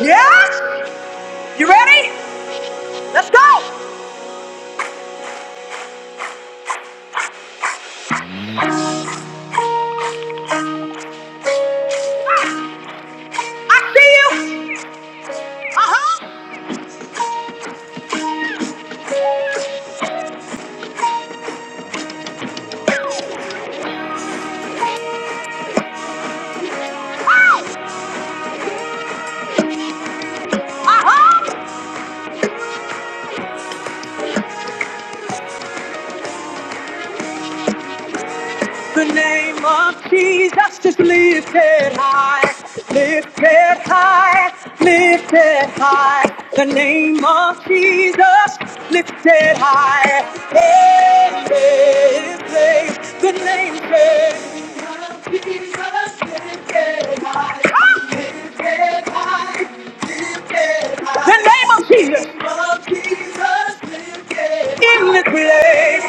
Yes? You ready? Let's go! I see you! Uh-huh! Oh! The name of Jesus just lifted high, lifted high, lifted high. The name of Jesus lifted high. Hey, hey, hey. The name says The name of Jesus in the place.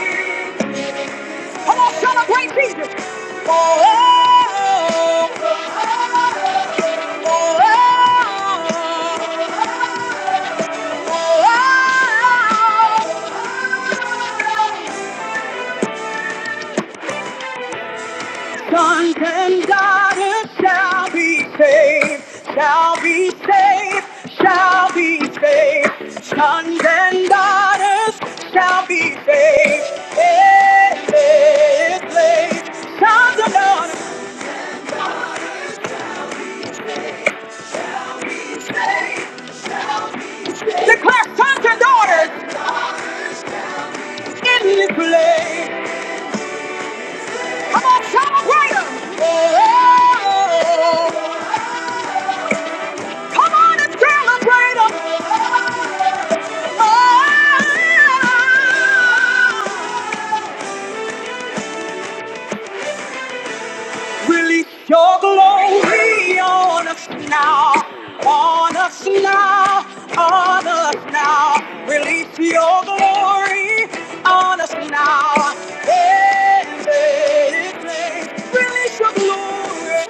Come on, celebrate Jesus. Oh, oh, oh, oh, oh, oh, oh, Sons and daughters shall be saved, shall be saved, shall be saved. Sons and daughters shall be saved. Hey, hey, hey. Sons and daughters, declare sons and daughters in this place. Come on, celebrate them. Oh, come on and celebrate them. Oh, Release your glory on us now, on us now, on us now. Release your glory on us now. Hey, hey, hey. Release your glory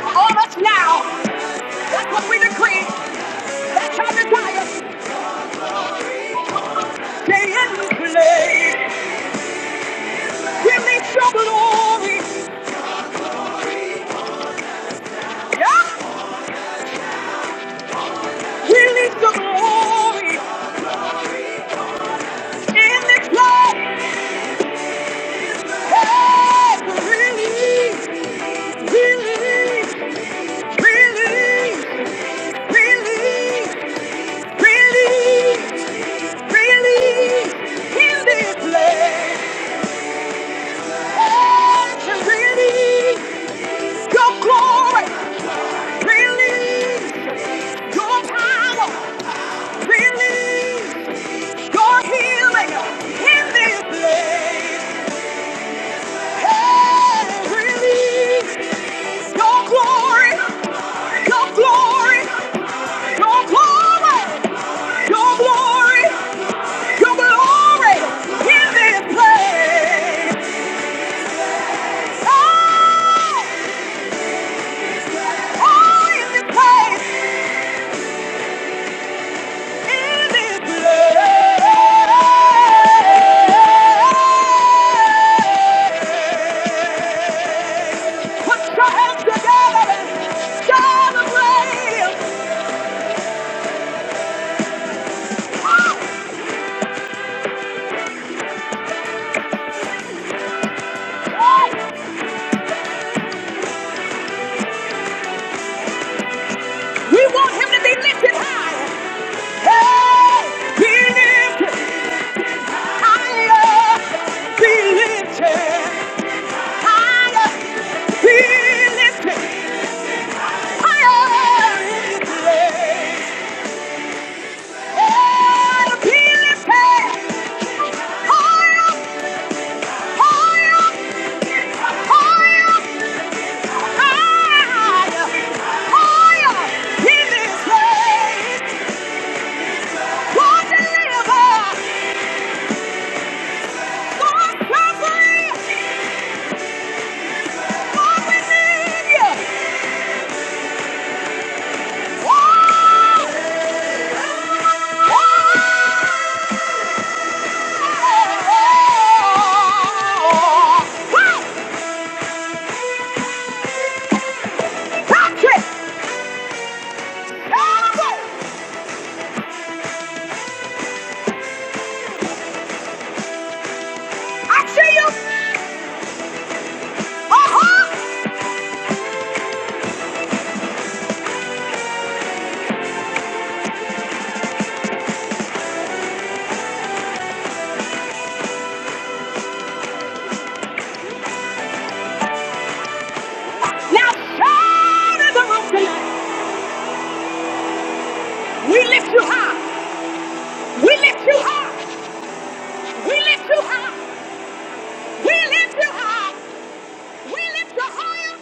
on us now. That's what we decree. That's our desire. Stay in this place. Release your glory. Yeah. Release your glory in this place. Your glory, your glory. Your glory, your glory, your glory in this place. Oh, oh, in this place, in this place. Put your hands together and celebrate. Oh, we want him to be lifted high. Hey, be lifted higher, be lifted. Oh! Patrick! I see you! Uh-huh! Now shout at the rock tonight! We lift you high! We lift you high! We lift you high! We lift you high! We lift you higher!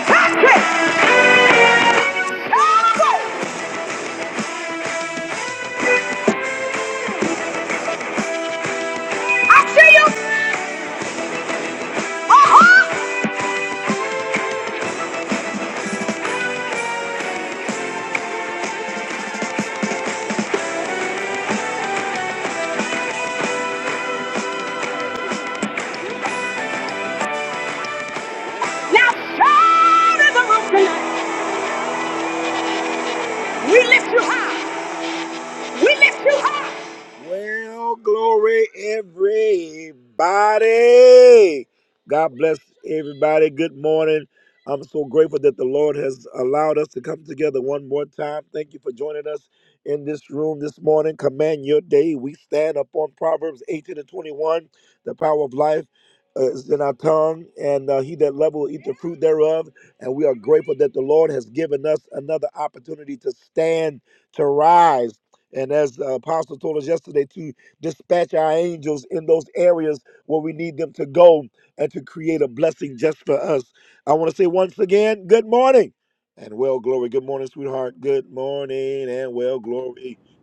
Patrick! I see you! Uh-huh! Now shout at the rock tonight! We lift you high! We lift you high!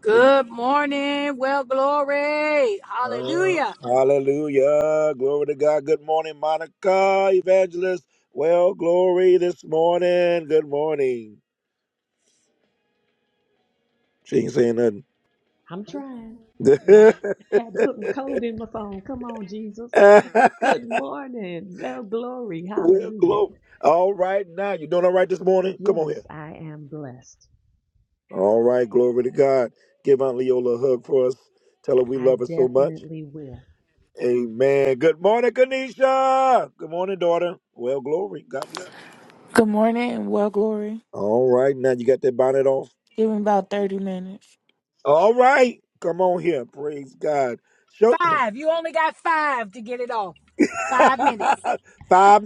Good morning. Well, glory. Hallelujah. I'm trying. My, had to put my code in my phone. Come on, Jesus. Good morning. Well, glory. Hallelujah. Yes, I am blessed. I definitely will. Good morning. and Well, Glory. Give me about 30 minutes. Five. You only got five to get it off. Five minutes.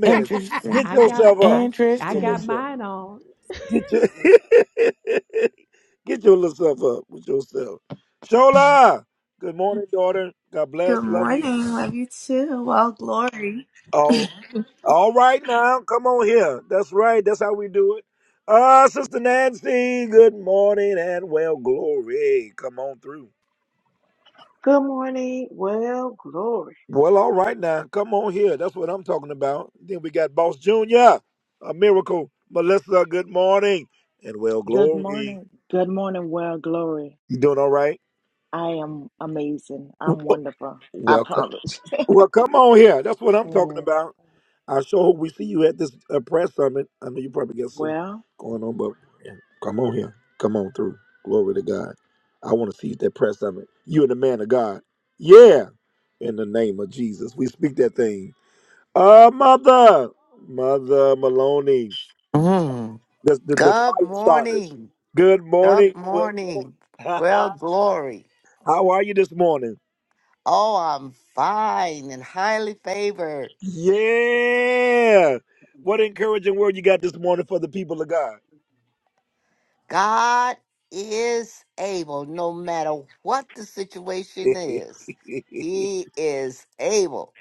Interesting. I got I I got Interesting. mine on. Good morning. Love you too. Well, glory. Good morning. Well, glory. Good morning. Good morning, well, glory. I am amazing. I'm wonderful. I promise. Amen. Well, Mm. Good morning. Good morning. Well, glory. Oh, I'm fine and highly favored. God is able, no matter what the situation is, He is able.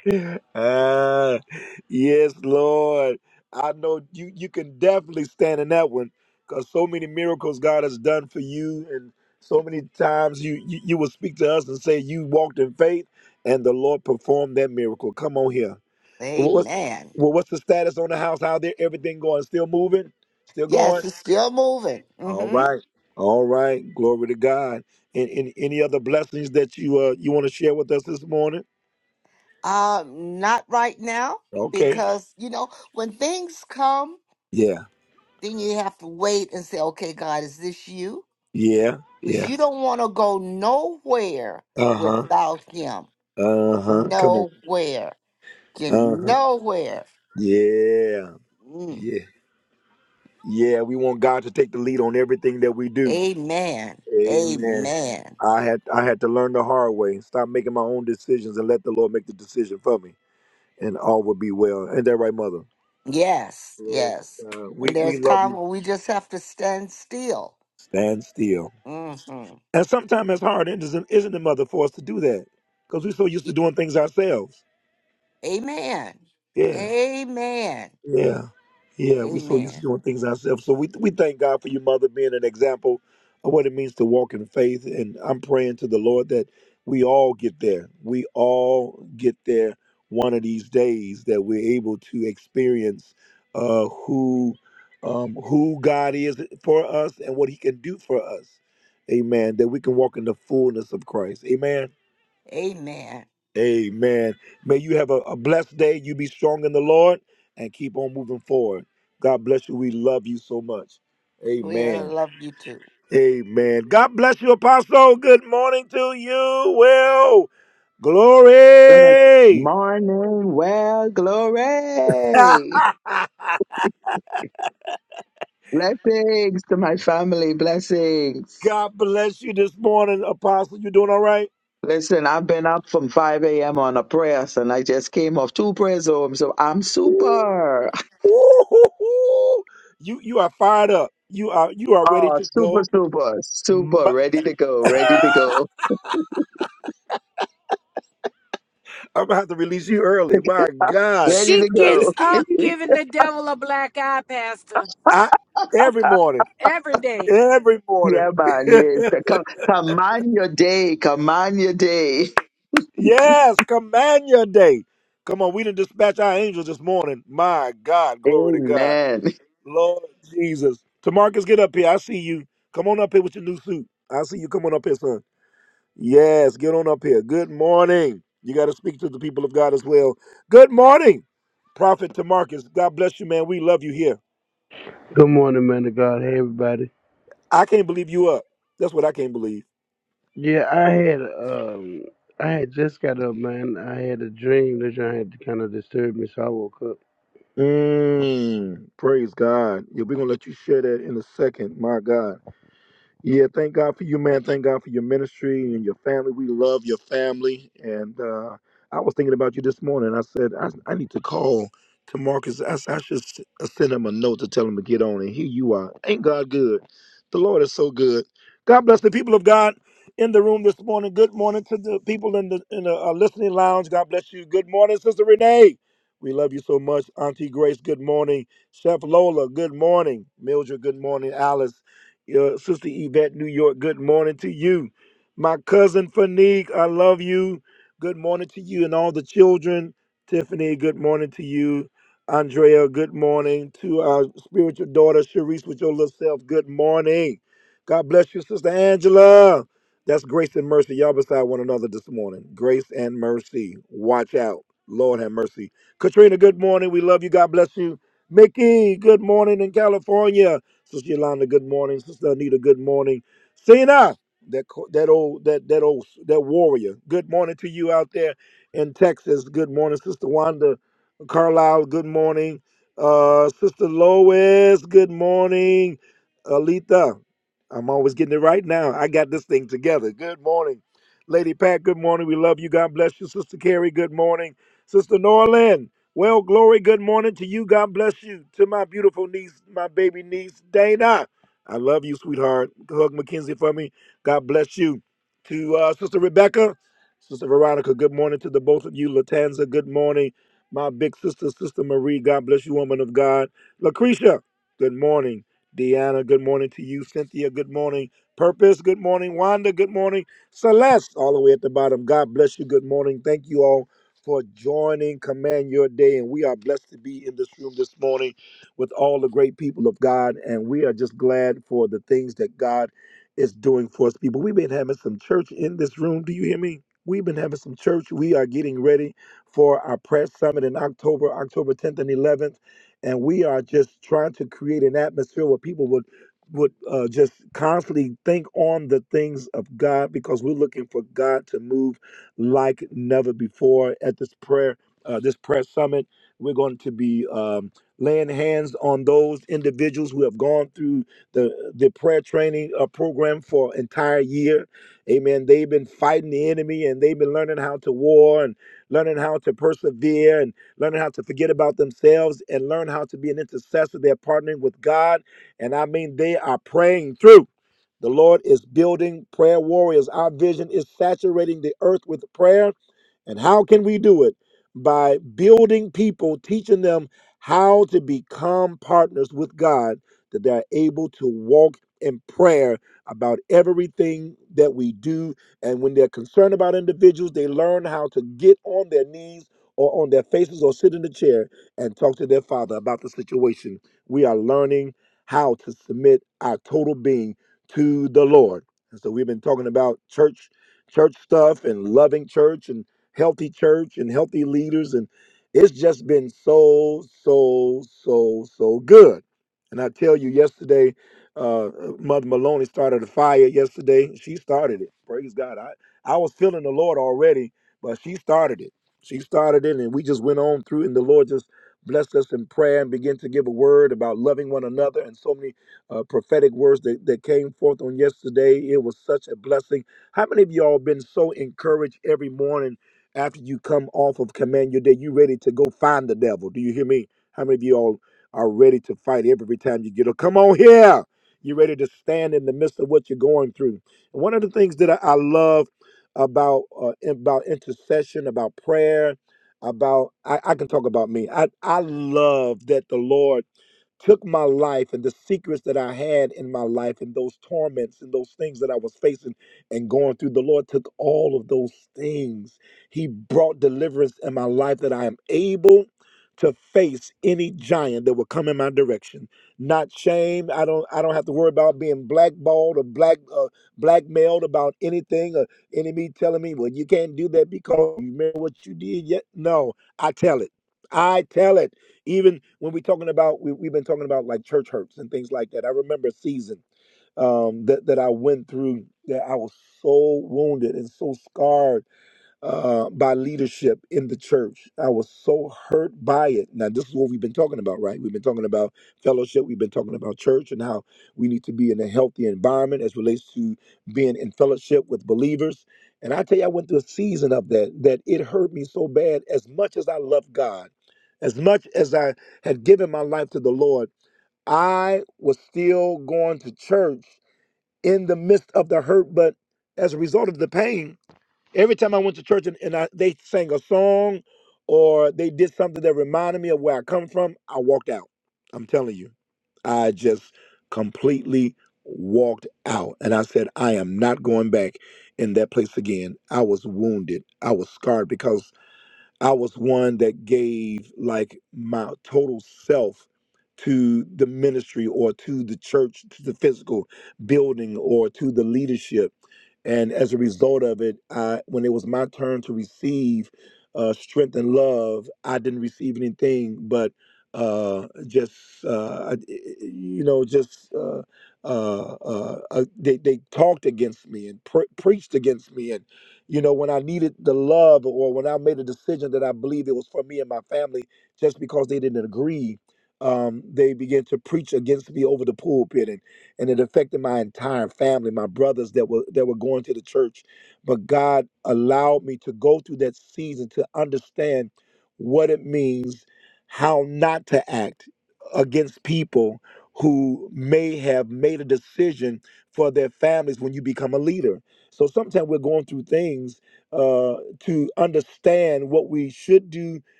Amen. Yes, it's still moving. hmm Um, not right now, because, you know, when things come, then you have to wait and say, okay, God, is this you? Because you don't want to go nowhere without him. Nowhere. You nowhere. Mm. Amen. Amen. Yes, yes. And there's time when we just have to stand still. Mm-hmm. Amen. Amen. Amen. Amen. We uh, love you too. Good morning. Well, glory. Blessings to my family. Blessings. Listen, I've been up from 5 a.m. on a prayer, so, and I just came off two prayers home. So I'm super. Oh, super, super, super. Ready to go. Ready to go. Ready She to gets go. up giving the devil a black eye, Pastor, every day. Yeah, man. Yes. Come, command your day. Command your day. Amen. Good morning, man of God. Hey, everybody. Yeah, I had um, I had just got up, man. I had a dream that I had kind of disturbed me, so I woke up.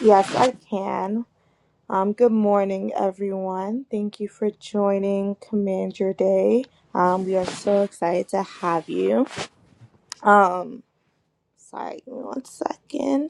Yes, I can. Um, good morning, everyone. Thank you for joining Command Your Day. Um, we are so excited to have you. Um, sorry, give me one second.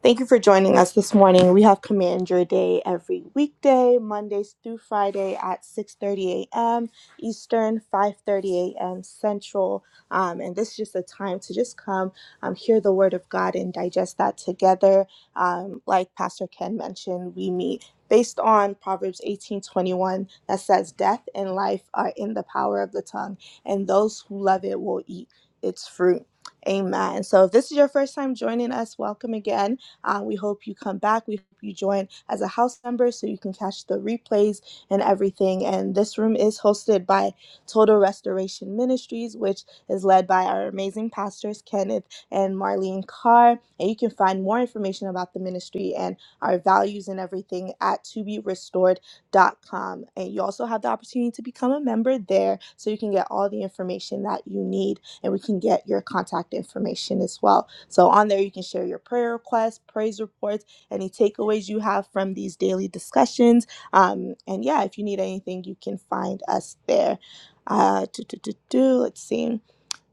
Thank you for joining us this morning. We have Command Your Day every weekday, Mondays through Friday at 6:30 a.m. Eastern, 5:30 a.m. Central. Um, and this is just a time to just come, um, hear the Word of God, and digest that together. Um, like Pastor Ken mentioned, we meet based on Proverbs 18:21 that says, "Death and life are in the power of the tongue, and those who love it will eat its fruit." Amen. So if this is your first time joining us, welcome again. Uh, we hope you come back. We hope you join as a house member so you can catch the replays and everything. And this room is hosted by Total Restoration Ministries, which is led by our amazing pastors, Kenneth and Marlene Carr. And you can find more information about the ministry and our values and everything at toberestored.com. And you also have the opportunity to become a member there so you can get all the information that you need and we can get your contact information as well. So on there, you can share your prayer requests, praise reports, any takeaways you have from these daily discussions. Um, and yeah, if you need anything, you can find us there. Uh, do, do, do, do, let's see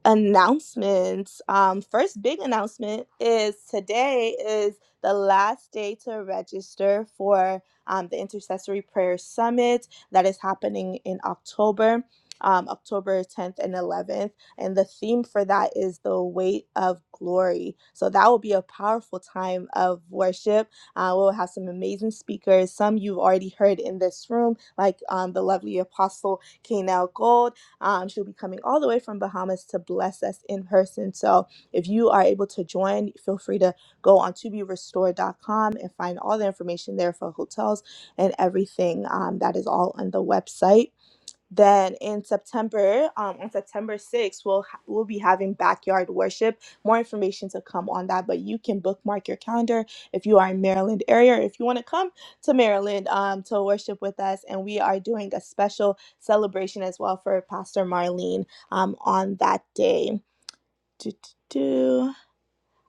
announcements. Um, first big announcement is today is the last day to register for um, the Intercessory Prayer Summit that is happening in October. Um, October 10th and 11th. And the theme for that is the weight of glory. So that will be a powerful time of worship. Uh, we'll have some amazing speakers, some you've already heard in this room, like um, the lovely Apostle Kanel Gold um, she'll be coming all the way from Bahamas to bless us in person. So if you are able to join, feel free to go on toberestore.com and find all the information there for hotels and everything. Um, that is all on the website. Then in September, um, on September 6th, we'll ha- we'll be having backyard worship. More information to come on that, but you can bookmark your calendar if you are in Maryland area. or If you want to come to Maryland um, to worship with us, and we are doing a special celebration as well for Pastor Marlene um, on that day. Do, do, do.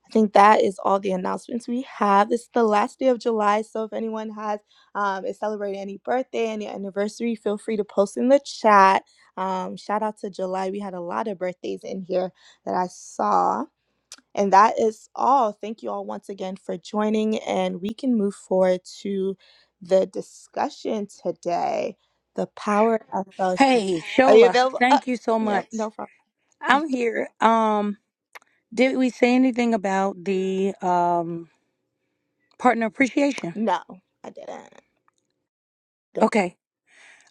I think that is all the announcements we have. This is the last day of July, so if anyone has um, is celebrating any birthday, any anniversary, feel free to post in the chat. Um, shout out to July. We had a lot of birthdays in here that I saw. And that is all. Thank you all once again for joining, and we can move forward to the discussion today. The power of fellowship. Hey, Are you Shola, available? Uh, thank you so yep, much. no problem. I'm here. Um, did we say anything about the um partner appreciation? No, I didn't. Don't Okay.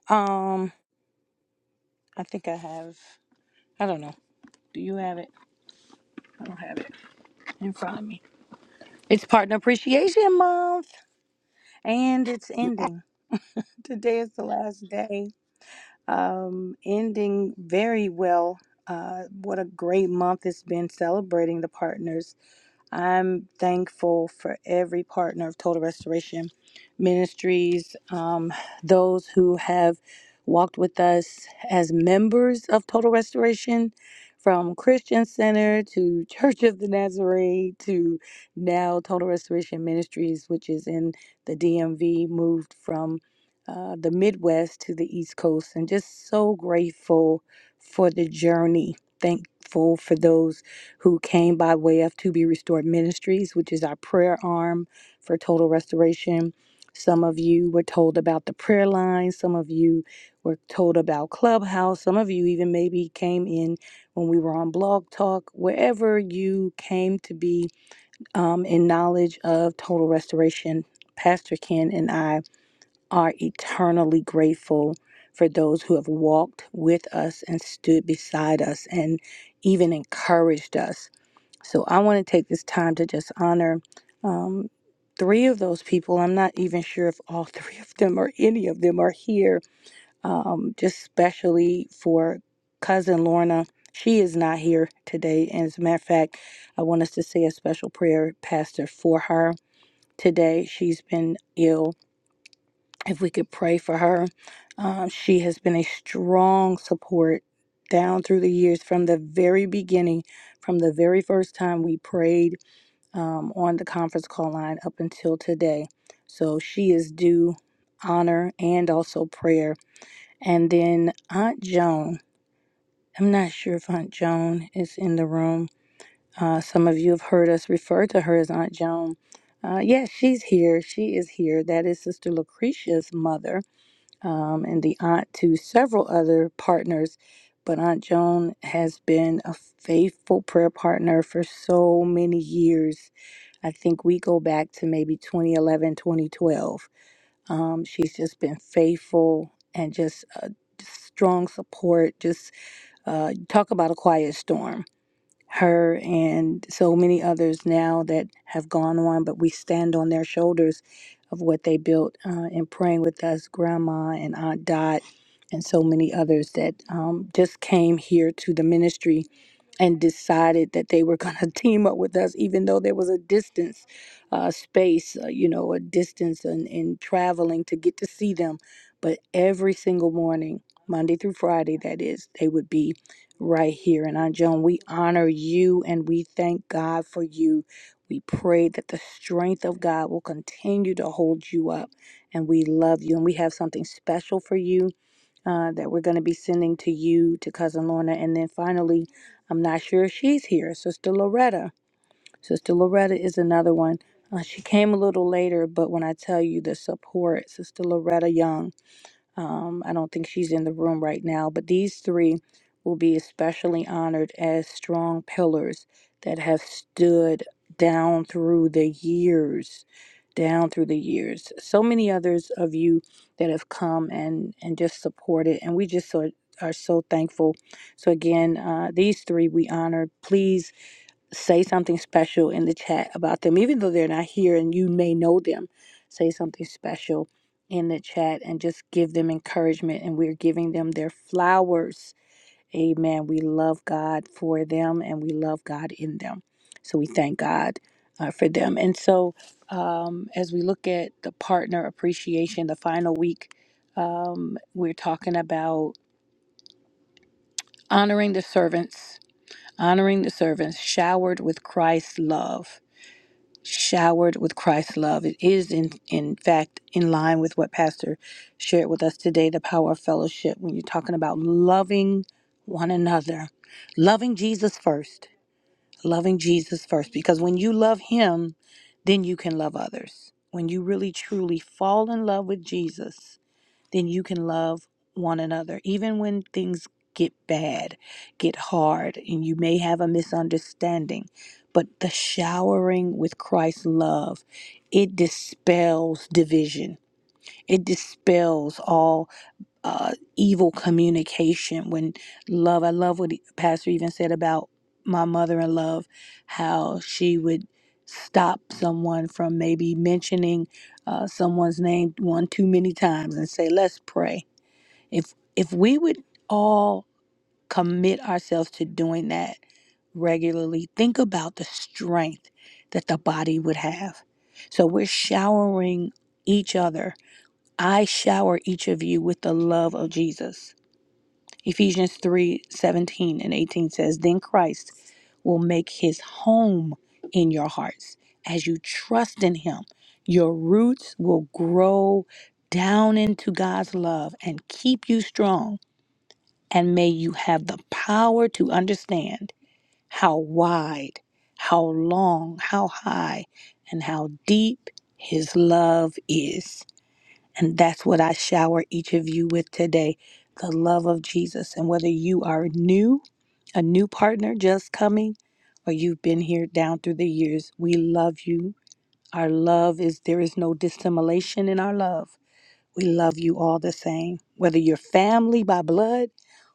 Um, I think I have. I don't know. Do you have it? I don't have it in front of me. It's partner appreciation month. And it's do that. ending. Today is the last day. Um, ending very well. Uh, what a great month it's been celebrating the partners I'm thankful for every partner of Total Restoration Ministries, um, those who have walked with us as members of Total Restoration, from Christian Center to Church of the Nazarene to now Total Restoration Ministries, which is in the DMV, moved from uh, the Midwest to the East Coast, and just so grateful for the journey. Thankful for those who came by way of To Be Restored Ministries, which is our prayer arm for total restoration. Some of you were told about the prayer line. Some of you were told about Clubhouse. Some of you even maybe came in when we were on Blog Talk. Wherever you came to be um, in knowledge of total restoration, Pastor Ken and I are eternally grateful for those who have walked with us and stood beside us and even encouraged us so I want to take this time to just honor um, three of those people. I'm not even sure if all three of them or any of them are here, um, just specially for cousin Lorna. She is not here today. And as a matter of fact, I want us to say a special prayer, Pastor, for her today. She's been ill. If we could pray for her, um, she has been a strong support down through the years from the very beginning, from the very first time we prayed um, on the conference call line up until today. So she is due honor and also prayer. And then Aunt Joan, I'm not sure if Aunt Joan is in the room. Uh, some of you have heard us refer to her as Aunt Joan. Uh, yes, she's here. She is here. That is Sister Lucretia's mother um, and the aunt to several other partners. But Aunt Joan has been a faithful prayer partner for so many years I think we go back to maybe 2011, 2012. Um, she's just been faithful and just uh, just strong support. Just uh, talk about a quiet storm. Her and so many others now that have gone on, but we stand on their shoulders of what they built uh, in praying with us, Grandma and Aunt Dot, and so many others that um, just came here to the ministry and decided that they were going to team up with us, even though there was a distance uh, space, uh, you know, a distance in, in traveling to get to see them. But every single morning, Monday through Friday, that is, they would be right here. And Aunt Joan, we honor you and we thank God for you. We pray that the strength of God will continue to hold you up. And we love you. And we have something special for you uh, that we're going to be sending to you, to Cousin Lorna. And then finally, I'm not sure if she's here, Sister Loretta. Sister Loretta is another one. Uh, she came a little later, but when I tell you the support, Sister Loretta Young, um, I don't think she's in the room right now, but these three will be especially honored as strong pillars that have stood down through the years, down through the years. So many others of you that have come and and just supported, and we just so, are so thankful. So again, uh, these three we honor. Please say something special in the chat about them, even though they're not here and you may know them. Say something special in the chat and just give them encouragement. And we're giving them their flowers. Amen. We love God for them and we love God in them. So we thank God uh, for them. And so um, as we look at the partner appreciation, the final week, um, we're talking about honoring the servants, honoring the servants showered with Christ's love showered with Christ's love. It is, in, in fact, in line with what Pastor shared with us today the power of fellowship. When you're talking about loving one another, loving Jesus first, loving Jesus first, because when you love Him, then you can love others. When you really truly fall in love with Jesus, then you can love one another. Even when things get bad, get hard, and you may have a misunderstanding, but the showering with Christ's love, it dispels division. It dispels all uh, evil communication. When love, I love what Pastor even said about my mother in love, how she would stop someone from maybe mentioning uh, someone's name one too many times and say, let's pray if if we would all commit ourselves to doing that regularly, think about the strength that the body would have. So we're showering each other. I shower each of you with the love of Jesus. Ephesians 3 17 and 18 says, Then Christ will make his home in your hearts as you trust in him. Your roots will grow down into God's love and keep you strong and may you have the power to understand how wide, how long, how high, and how deep His love is. And that's what I shower each of you with today the love of Jesus. And whether you are new, a new partner just coming, or you've been here down through the years, we love you. Our love is there is no dissimulation in our love. We love you all the same, whether you're family by blood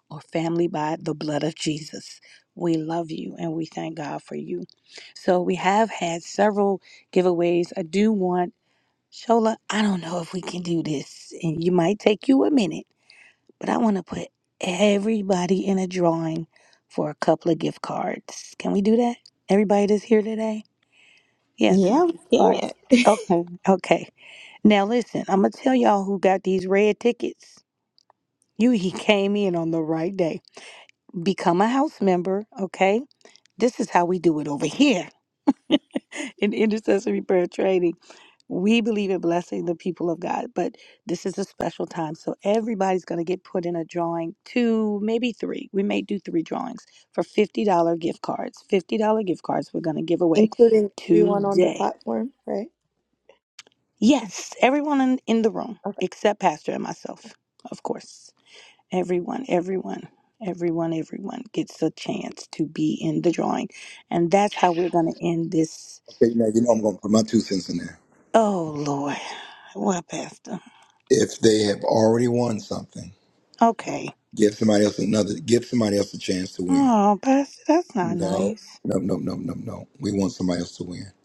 or family by the blood of Jesus. We love you and we thank God for you. So we have had several giveaways. I do want Shola, I don't know if we can do this and you might take you a minute, but I want to put everybody in a drawing for a couple of gift cards. Can we do that? Everybody that's here today? Yes, some Yeah, gift we cards. can. Okay, okay. Now listen, I'm gonna tell y'all who got these red tickets. You he came in on the right day. Become a house member, okay? This is how we do it over here in intercessory prayer training. We believe in blessing the people of God, but this is a special time. So everybody's going to get put in a drawing, two, maybe three. We may do three drawings for $50 gift cards. $50 gift cards we're going to give away including everyone on the today. platform, right? Yes, everyone in, in the room Okay. except Pastor and myself, of course. Everyone, everyone, everyone, everyone gets a chance to be in the drawing. And that's how we're going to end this. Oh, Lord. Well, Pastor. Okay. Oh, Pastor, that's not nice.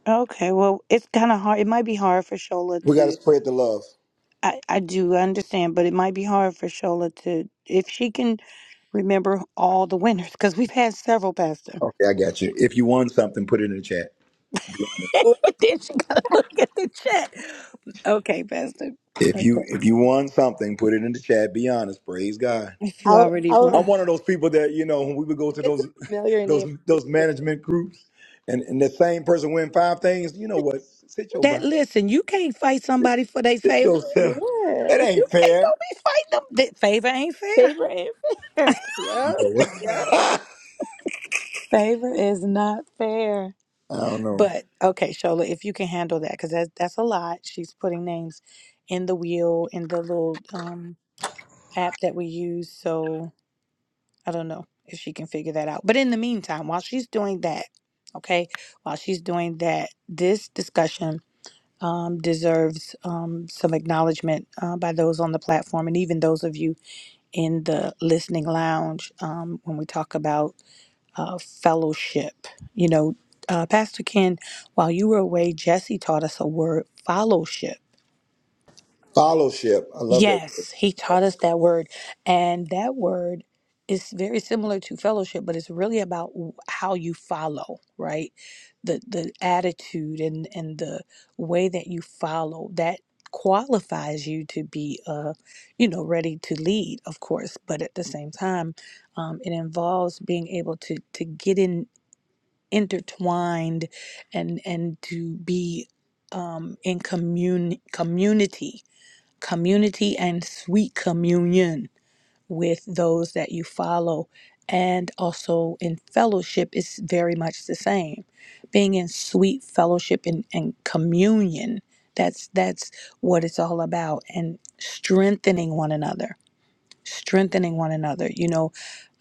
Okay. Well, it's kind of hard. It might be hard for Shola to. I, I do understand, but it might be hard for Shola to. If she can remember all the winners, because we've had several, Pastor. Wait, then she got to look at the chat. Okay, Pastor. Okay. If you I'll already I'll run. won. If it's a familiar name, I'll just That listen, you can't fight somebody for their favor. give it- yeah. You can't don't be fighting them. That favor ain't fair. Favorite and favorite. Yep. Yep. Favor is not fair. But okay, Shola, if you can handle that, because that's that's a lot. She's putting names in the wheel in the little um app that we use. So I don't know if she can figure that out. But in the meantime, while she's doing that, okay, while she's doing that, this discussion um, deserves um, some acknowledgement uh, by those on the platform and even those of you in the listening lounge um, when we talk about uh, fellowship. You know, uh, Pastor Ken, while you were away, Jesse taught us a word, fellowship Yes, he taught us that word. And that word is very similar to fellowship, but it's really about w- how you follow, right? The the attitude and and the way that you follow that qualifies you to be uh you know ready to lead of course but at the same time um it involves being able to to get in intertwined and and to be um in commune community community and sweet communion with those that you follow. And also in fellowship is very much the same. Being in sweet fellowship and, and communion, that's that's what it's all about. And strengthening one another, strengthening one another. You know,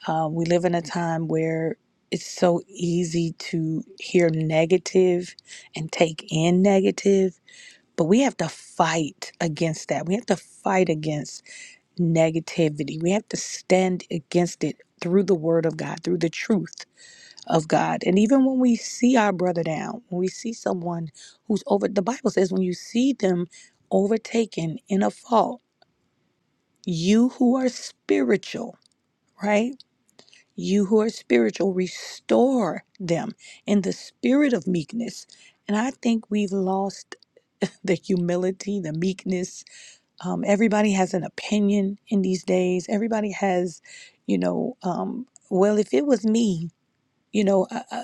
uh, we live in a time where it's so easy to hear negative and take in negative, but we have to fight against that. We have to fight against negativity. We have to stand against it through the word of God, through the truth of God. And even when we see our brother down, when we see someone who's over, the Bible says, when you see them overtaken in a fault, you who are spiritual, right? You who are spiritual, restore them in the spirit of meekness. And I think we've lost the humility, the meekness, Um, everybody has an opinion in these days. Everybody has, you know, um, well, if it was me, you know, I, I,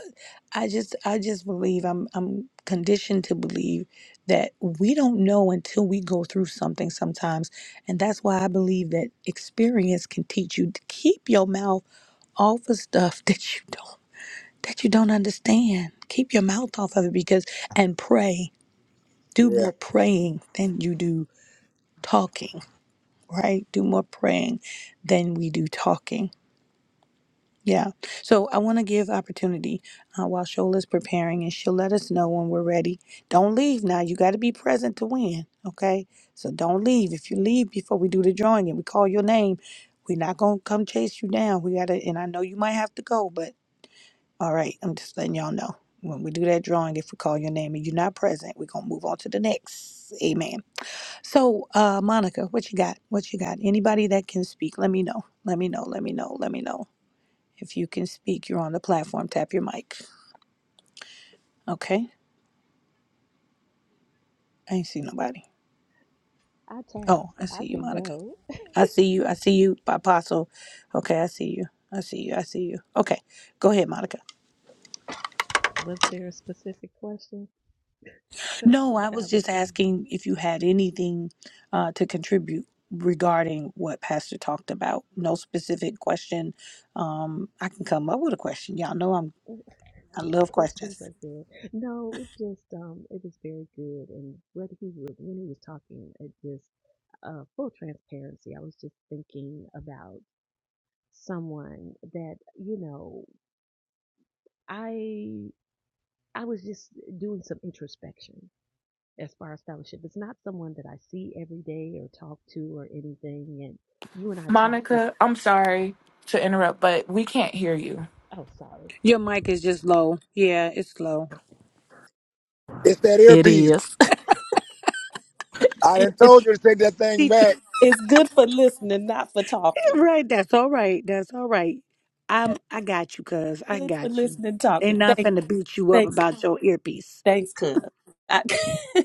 I just, I just believe I'm, I'm conditioned to believe that we don't know until we go through something sometimes, and that's why I believe that experience can teach you to keep your mouth off of stuff that you don't, that you don't understand. Keep your mouth off of it because, and pray. Do more praying than you do talking right? Do more praying than we do talking. Yeah. So I want to give opportunity uh, while Shola's preparing, and she'll let us know when we're ready. Don't leave now. You got to be present to win. Okay. So don't leave. If you leave before we do the drawing and we call your name, we're not gonna come chase you down. We gotta. And I know you might have to go, but all right. I'm just letting y'all know when we do that drawing. If we call your name and you're not present, we're gonna move on to the next. Amen. So, uh, Monica, what you got? What you got? Anybody that can speak, let me know. Let me know. Let me know. Let me know. If you can speak, you're on the platform. Tap your mic. Okay. I ain't see nobody. I tapped. Oh, I I see you, can Monica. go. I see you. I see you, Apostle. Okay, I see you. I see you. I see you. Okay, go ahead, Monica. Was there a specific question? I No, I was forgot what just the asking if you had anything uh, to contribute regarding what Pastor talked about. No specific question. Um, I can come up with a question. Y'all know I'm. I love questions questions. are good. No, it just um it was very good and what he was when he was talking, it just uh full transparency. I was just thinking about someone that you know i i was just doing some introspection as far as fellowship it's not someone that i see every day or talk to or anything and you and i talked ab- Monica, I'm sorry to interrupt, but we can't hear you. oh sorry Your mic is just low. Yeah, it's low. It is. It's Teacher, it's good for listening, not for talking. right? That's all right. That's all right. I'm. I got you, cuz. I Good for got you. listening, talking. Ain't Thanks, nothing to beat you up thanks, about your earpiece. thanks, cuz. I-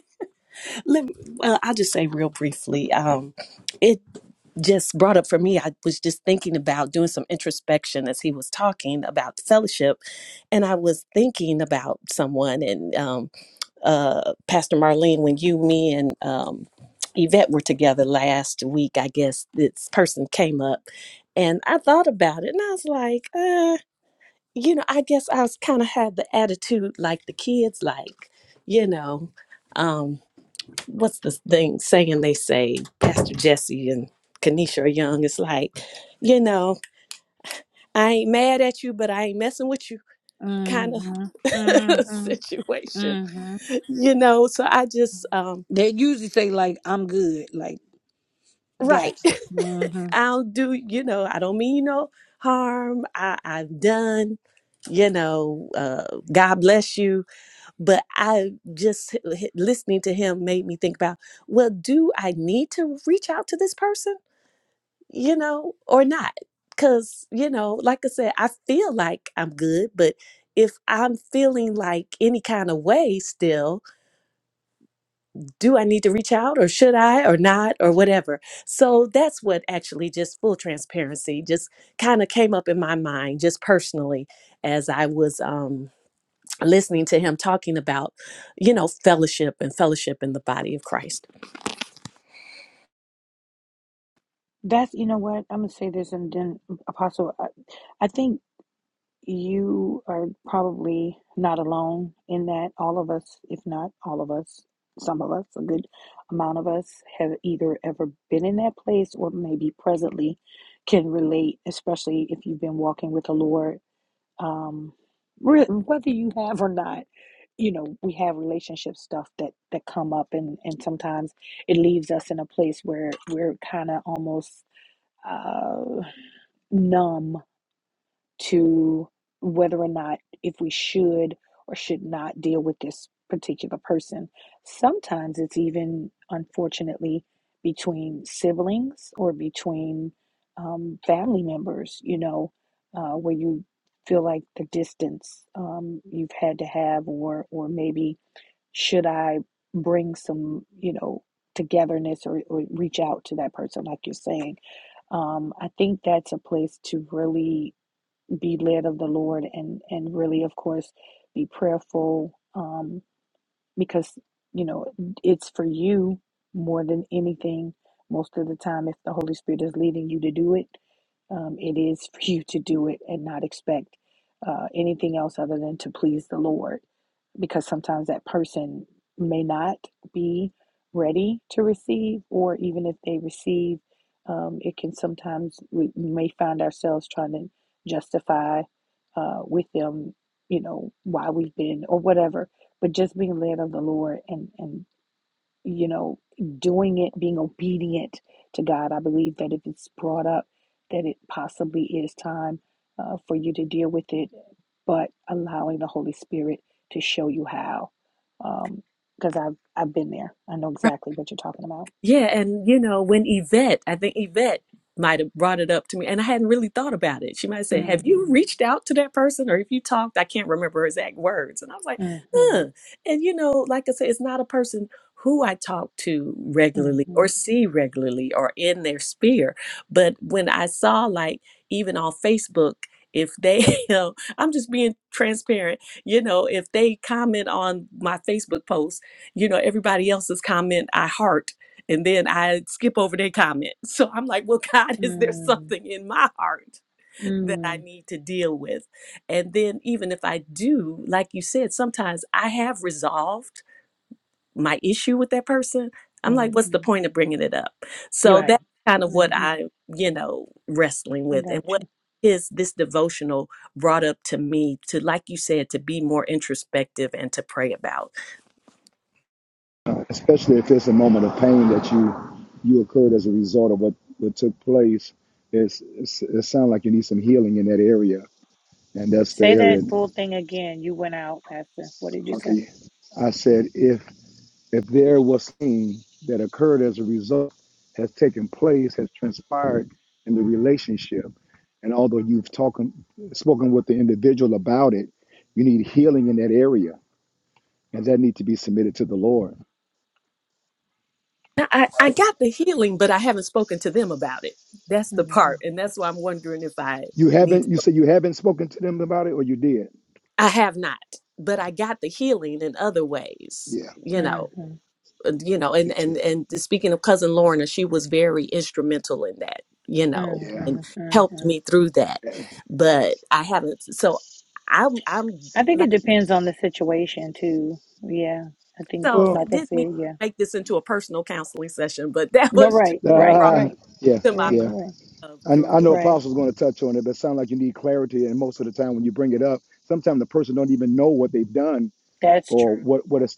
Let me, well, I'll just say real briefly. Um, it just brought up for me. I was just thinking about doing some introspection as he was talking about fellowship, and I was thinking about someone and um, uh, Pastor Marlene when you, me, and um, Yvette were together last week. I guess this person came up, and I thought about it, and I was like, uh, you know, I guess I was kind of had the attitude like the kids, like you know. Um, what's the thing saying they say pastor jesse and kanisha are young it's like you know i ain't mad at you but i ain't messing with you kind of Mm-hmm. Mm-hmm. situation Mm-hmm. you know so i just um They usually say like, "I'm good." Like, right gotcha. Mm-hmm. i'll do you know i don't mean no harm i i've done you know uh god bless you but i just h- h- listening to him made me think about well do i need to reach out to this person you know, or not. Because, you know, like I said, I feel like I'm good, but if I'm feeling like any kind of way still, do I need to reach out or should I or not or whatever? So that's what actually just full transparency just kind of came up in my mind, just personally, as I was um, listening to him talking about, you know, fellowship and fellowship in the body of Christ. That's you know what I'm gonna say this, and then Apostle, I, I think you are probably not alone in that all of us, if not all of us, some of us, a good amount of us have either ever been in that place or maybe presently can relate, especially if you've been walking with the Lord. Um, re- whether you have or not, you know, we have relationship stuff that that come up, and and sometimes it leaves us in a place where we're kind of almost uh, numb to whether or not if we should or should not deal with this particular person. Sometimes it's even, unfortunately, between siblings or between um, family members, you know, uh, where you feel like the distance um, you've had to have, or or maybe should I bring some, you know, togetherness or, or reach out to that person, like you're saying um, I think that's a place to really be led of the Lord and and really of course be prayerful um because you know it's for you more than anything most of the time if the Holy Spirit is leading you to do it um, it is for you to do it and not expect uh, anything else other than to please the Lord because sometimes that person may not be ready to receive, or even if they receive, um, it can sometimes we may find ourselves trying to justify uh, with them, you know, why we've been or whatever. But just being led of the Lord and and you know, doing it, being obedient to God. I believe that if it's brought up, that it possibly is time uh, for you to deal with it, but allowing the Holy Spirit to show you how. Because I've I've been there. I know exactly what you're talking about. Yeah, and you know, when Yvette, I think Yvette might have brought it up to me, and I hadn't really thought about it. She might have said, Have you Mm, reached out to that person? Or if you talked, I can't remember her exact words. And I was like, mm, mm, Huh. And you know, like I said, it's not a person who I talk to regularly or mm, see regularly or in their sphere. But when I saw, like, even on Facebook, if they, you know, I'm just being transparent, you know, if they comment on my Facebook post, you know, everybody else's comment, I heart and then I skip over their comment. So I'm like, well, God, is there Mhm. something in my heart that I need to deal with? And then even if I do, like you said, sometimes I have resolved my issue with that person, I'm mm, like, what's the mm. point of bringing it up? You're So right. that's kind of what hmm I, you know, wrestling I with got and what you. is this devotional brought up to me to like you said to be more introspective and to pray about. uh, especially if it's a moment of pain that you you occurred as a result of what what took place it's, it's it sounds like you need some healing in that area and that's the Say area that full thing again. You went out after. What did you say? okay i said if if there was pain that occurred as a result has taken place has transpired in the relationship and although you've talked spoken with the individual about it you need healing in that area and that need to be submitted to the lord Now, I, I Right. got the healing, but I haven't spoken to them about it. That's the part. And that's why I'm wondering if I You need to. haven't. You said you haven't spoken to them about it, or you did. I have not, but I got the healing in other ways, Yeah, you know, hmm and- you know, and me too. and and speaking of cousin Lorna, she was very instrumental in that, you know, Mm-hmm, and helped hmm me through that. Yeah. But I haven't, so I'm I'm I think it like, depends on the situation too. Yeah, I think, so Well, it like I didn't mean said, yeah. to make this into a personal counseling session, but that No, was just right, right, brought uh, right, yeah, to my right, mind yeah. right, of, And through I know the. right. Apostle's going to touch on it, but it sounds like you need clarity. And most of the time, when you bring it up, sometimes the person don't even know what they've done That's or true. what what has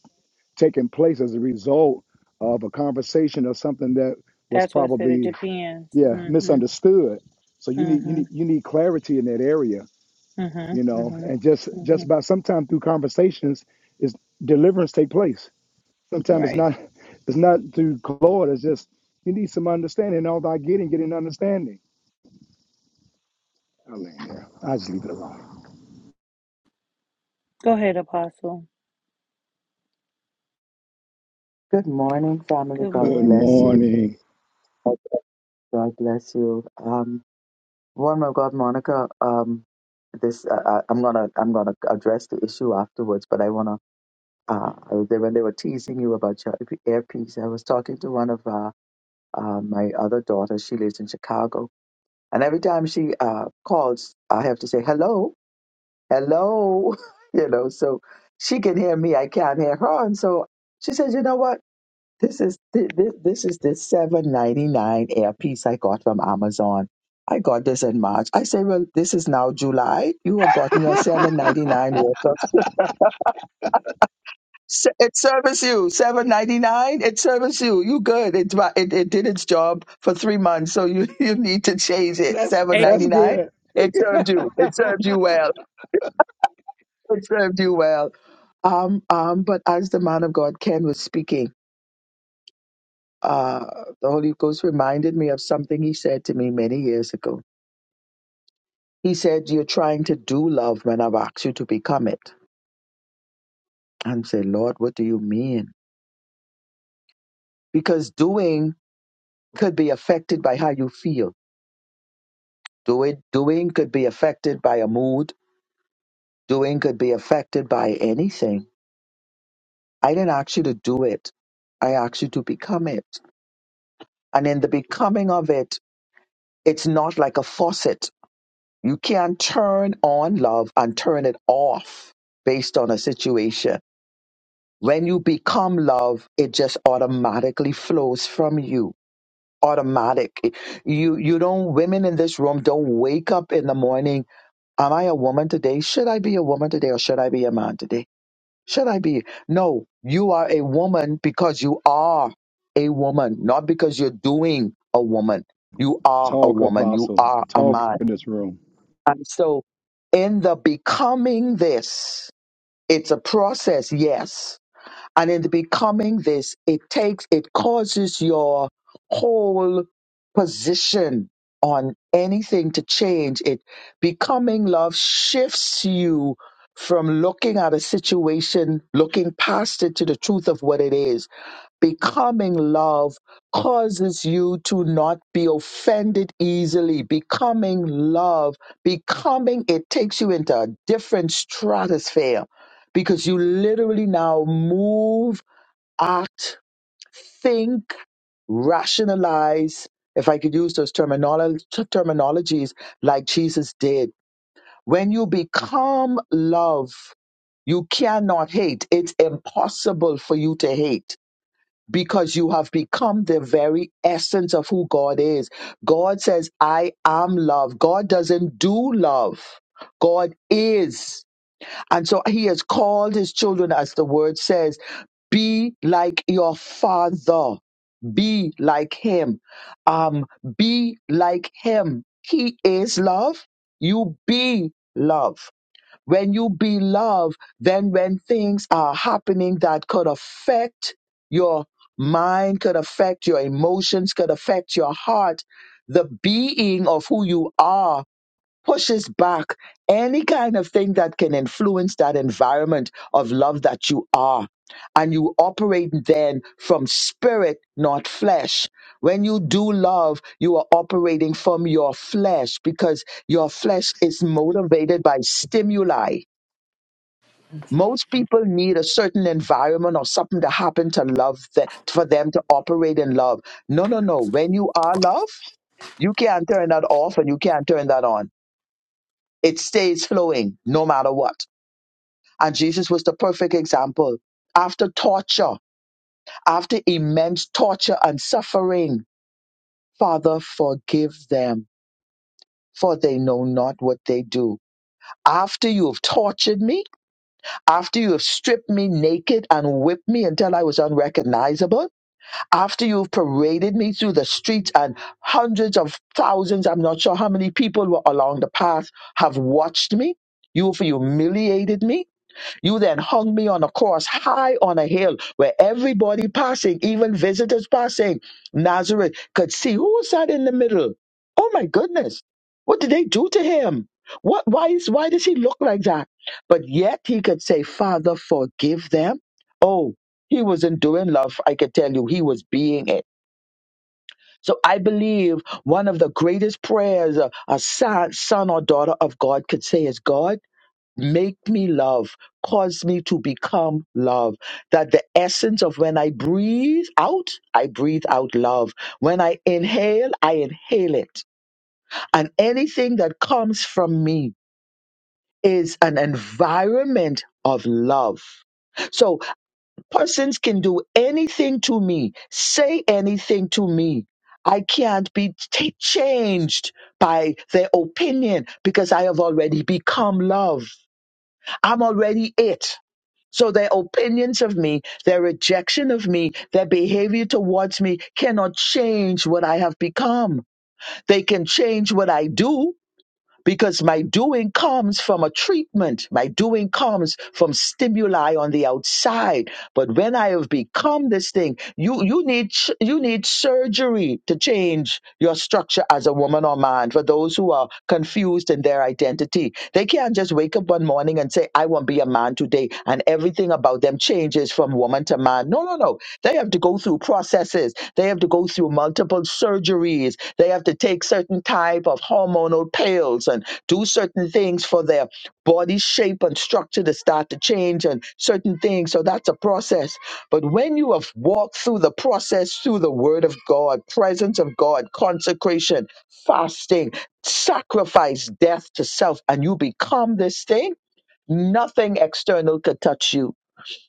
taken place as a result of a conversation or something that was That's what I said. It probably depends. yeah Mm-hmm, misunderstood. So you need you mm-hmm, need you need clarity in that area you mm-hmm, know mm-hmm, and just mm-hmm. just by sometimes through conversations is deliverance take place sometimes it's Right. not it's not through claude it's just you need some understanding and all by getting getting understanding i land there i just leave it alone Go ahead, Apostle. Good morning, family. Good God Good bless morning. you. morning. God bless you. Um, Well, my God, Monica, um, this uh, I- I- I'm gonna I'm gonna address the issue afterwards, but I wanna uh, I was there when they were teasing you about your earpiece. I was talking to one of uh, uh, my other daughters. She lives in Chicago, and every time she uh, calls, I have to say hello, hello, you know, so she can hear me. I can't hear her, and so she says, you know what? This is thi- thi- this is the seven ninety nine air piece I got from Amazon. I got this in March. I say, well, this is now July. You have gotten your seven ninety nine worth of se- it serves you seven ninety nine. It serves you. You good. It, it it did its job for three months, so you you need to change it. that's Seven that's ninety nine. good It served you. It served you well. It served you well. Um um. But as the man of God Ken was speaking. uh, the Holy Ghost reminded me of something he said to me many years ago. He said, You're trying to do love when I've asked you to become it. And I said, Lord, what do you mean? Because doing could be affected by how you feel. Do it, doing could be affected by a mood. Doing could be affected by anything. I didn't ask you to do it. I asked you to become it. And in the becoming of it, it's not like a faucet You can't turn on love and turn it off based on a situation. When you become love, it just automatically flows from you. Automatic. You you don't women in this room don't wake up in the morning. Am I a woman today? Should I be a woman today or should I be a man today? Should I be? No, you are a woman because you are a woman, not because you're doing a woman. You are a Talk, woman. You Apostle. are a Talk man in this room. and so, in the becoming this, it's a process, yes. And in the becoming this, it takes, it causes your whole position on anything to change. It becoming love shifts you from looking at a situation, looking past it to the truth of what it is Becoming love causes you to not be offended easily. Becoming love, becoming it takes you into a different stratosphere because you literally now move, act, think, rationalize. If I could use those terminolo- t- terminologies like Jesus did, when you become love, you cannot hate. It's impossible for you to hate because you have become the very essence of who God is. God says, I am love. God doesn't do love. God is. And so he has called his children, as the word says, be like your father. Be like him. Um, be like him. He is love. You be love. When you be loved, then when things are happening that could affect your mind, could affect your emotions, could affect your heart, the being of who you are pushes back any kind of thing that can influence that environment of love that you are. And you operate then from spirit, not flesh. When you do love, you are operating from your flesh because your flesh is motivated by stimuli most people need a certain environment or something to happen to love them, for them to operate in love. No, no, no. When you are love, you can't turn that off and you can't turn that on. It stays flowing no matter what. And Jesus was the perfect example. After torture, after immense torture and suffering, Father, forgive them, for they know not what they do. After you have tortured me, after you have stripped me naked and whipped me until I was unrecognizable, after you've paraded me through the streets and hundreds of thousands, I'm not sure how many people were along the path, have watched me. You've humiliated me. You then hung me on a cross high on a hill where everybody passing, even visitors passing, Nazareth could see who was that in the middle. Oh my goodness. What did they do to him? What why is why does he look like that? But yet he could say, Father, forgive them. Oh, he wasn't doing love. I could tell you he was being it. So I believe one of the greatest prayers a, a son, son or daughter of God could say is God. Make me love. Cause me to become love. That the essence of when I breathe out, I breathe out love. When I inhale, I inhale it. And anything that comes from me is an environment of love. So persons can do anything to me, say anything to me. I can't be t- changed by their opinion because I have already become love. I'm already it. So their opinions of me, their rejection of me, their behavior towards me cannot change what I have become. They can change what I do, because my doing comes from a treatment. My doing comes from stimuli on the outside. But when I have become this thing, you you need you need surgery to change your structure as a woman or man. For those who are confused in their identity, they can't just wake up one morning and say, "I want to be a man today," and everything about them changes from woman to man. No, no, no. They have to go through processes. They have to go through multiple surgeries. They have to take certain type of hormonal pills and do certain things for their body shape and structure to start to change and certain things. So that's a process. But when you have walked through the process through the word of God, presence of God, consecration, fasting, sacrifice, death to self, and you become this thing, nothing external could touch you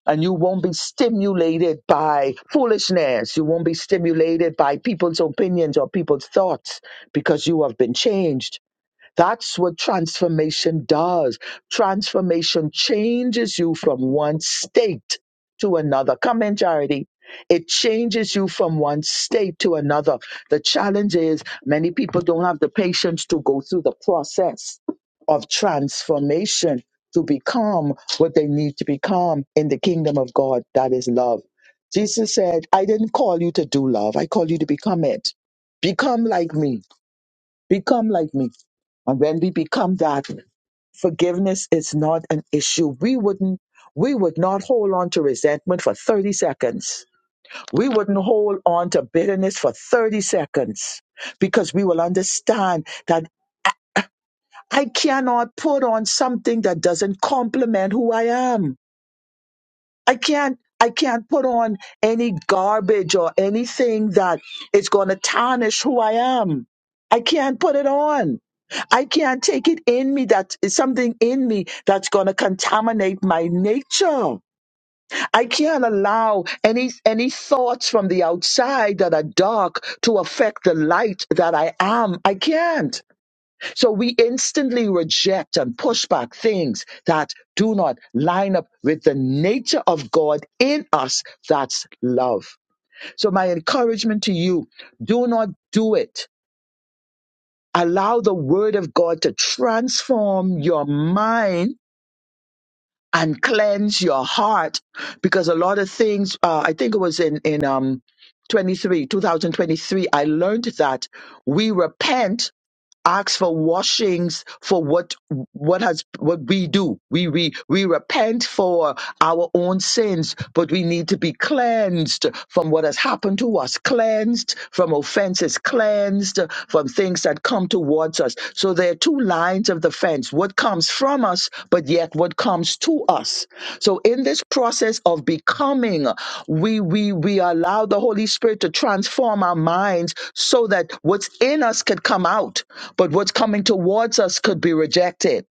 and you won't be stimulated by foolishness. You won't be stimulated by people's opinions or people's thoughts because you have been changed. That's what transformation does. Transformation changes you from one state to another. Come in, Charity. It changes you from one state to another. The challenge is many people don't have the patience to go through the process of transformation to become what they need to become in the kingdom of God. That is love. Jesus said, I didn't call you to do love, I called you to become it. Become like me Become like me. And when we become that, forgiveness is not an issue. We wouldn't we would not hold on to resentment for 30 seconds. We wouldn't hold on to bitterness for 30 seconds because we will understand that I cannot put on something that doesn't complement who I am. I can't I can't put on any garbage or anything that is going to tarnish who I am. I can't put it on. I can't take it in me that is something in me that's going to contaminate my nature. I can't allow any any thoughts from the outside that are dark to affect the light that I am. I can't. So we instantly reject and push back things that do not line up with the nature of God in us. That's love. So my encouragement to you, do not do it. Allow the word of God to transform your mind and cleanse your heart because a lot of things, uh, I think it was in, in, um, 23, 2023, I learned that we repent ask for washings for what what has what we do we we we repent for our own sins but we need to be cleansed from what has happened to us cleansed from offenses cleansed from things that come towards us so there are two lines of defense, what comes from us, but yet what comes to us. So in this process of becoming, we we we allow the Holy Spirit to transform our minds so that what's in us could come out, but what's coming towards us could be rejected.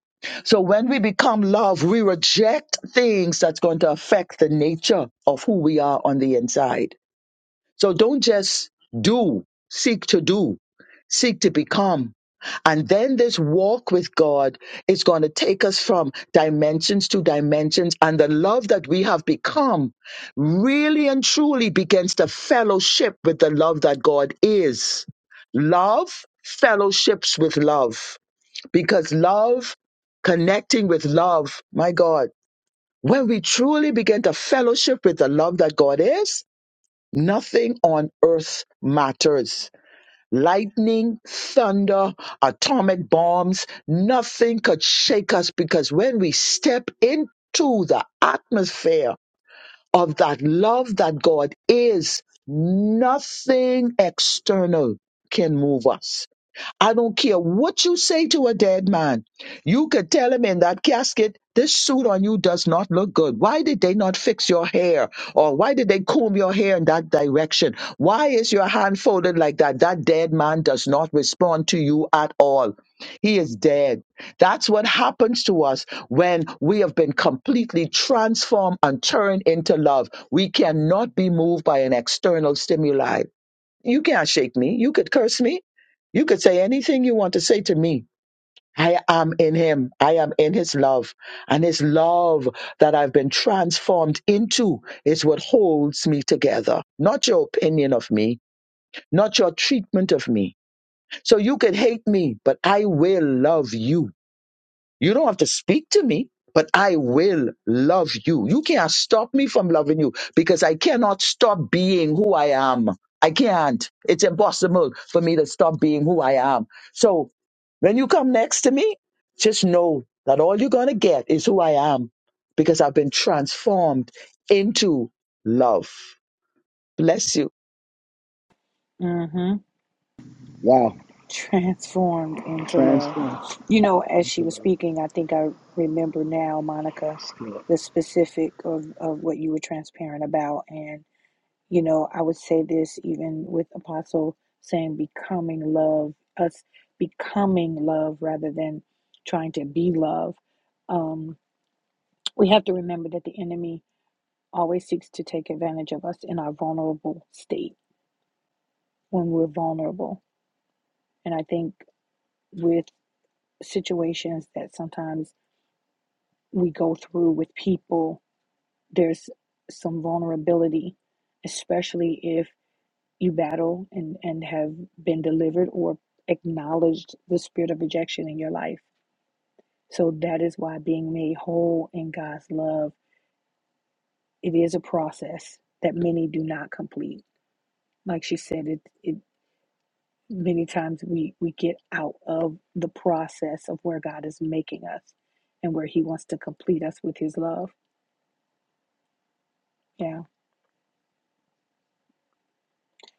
So when we become love, we reject things that's going to affect the nature of who we are on the inside. So don't just do, seek to do, seek to become. And then this walk with God is going to take us from dimensions to dimensions. And the love that we have become really and truly begins to fellowship with the love that God is. Love fellowships with love because love, connecting with love, my God, when we truly begin to fellowship with the love that God is, Nothing on earth matters. Lightning, thunder, atomic bombs, nothing could shake us because when we step into the atmosphere of that love that God is, nothing external can move us I don't care what you say to a dead man. You could tell him in that casket, this suit on you does not look good. Why did they not fix your hair? Or why did they comb your hair in that direction? Why is your hand folded like that? That dead man does not respond to you at all. He is dead. That's what happens to us when we have been completely transformed and turned into love. We cannot be moved by an external stimuli. You can't shake me. You could curse me. You could say anything you want to say to me. I am in him. I am in his love. And his love that I've been transformed into is what holds me together. Not your opinion of me, not your treatment of me. So you could hate me, but I will love you you don't have to speak to me, but I will love you. You can't stop me from loving you because I cannot stop being who I am. I can't. It's impossible for me to stop being who I am. So when you come next to me, just know that all you're going to get is who I am because I've been transformed into love. Bless you. Mm-hmm. Wow. Transformed into love. transform You know, as into she was love speaking, I think I remember now, Monica, skill the specific of, of what you were transparent about and. You know, I would say this even with Apostle saying becoming love, us becoming love rather than trying to be love. Um, we have to remember that the enemy always seeks to take advantage of us in our vulnerable state when we're vulnerable. And I think with situations that sometimes we go through with people, there's some vulnerability, especially if you battle and, and have been delivered or acknowledged the spirit of rejection in your life. So that is why being made whole in God's love, it is a process that many do not complete. Like she said, it it many times we, we get out of the process of where God is making us and where he wants to complete us with his love. Yeah.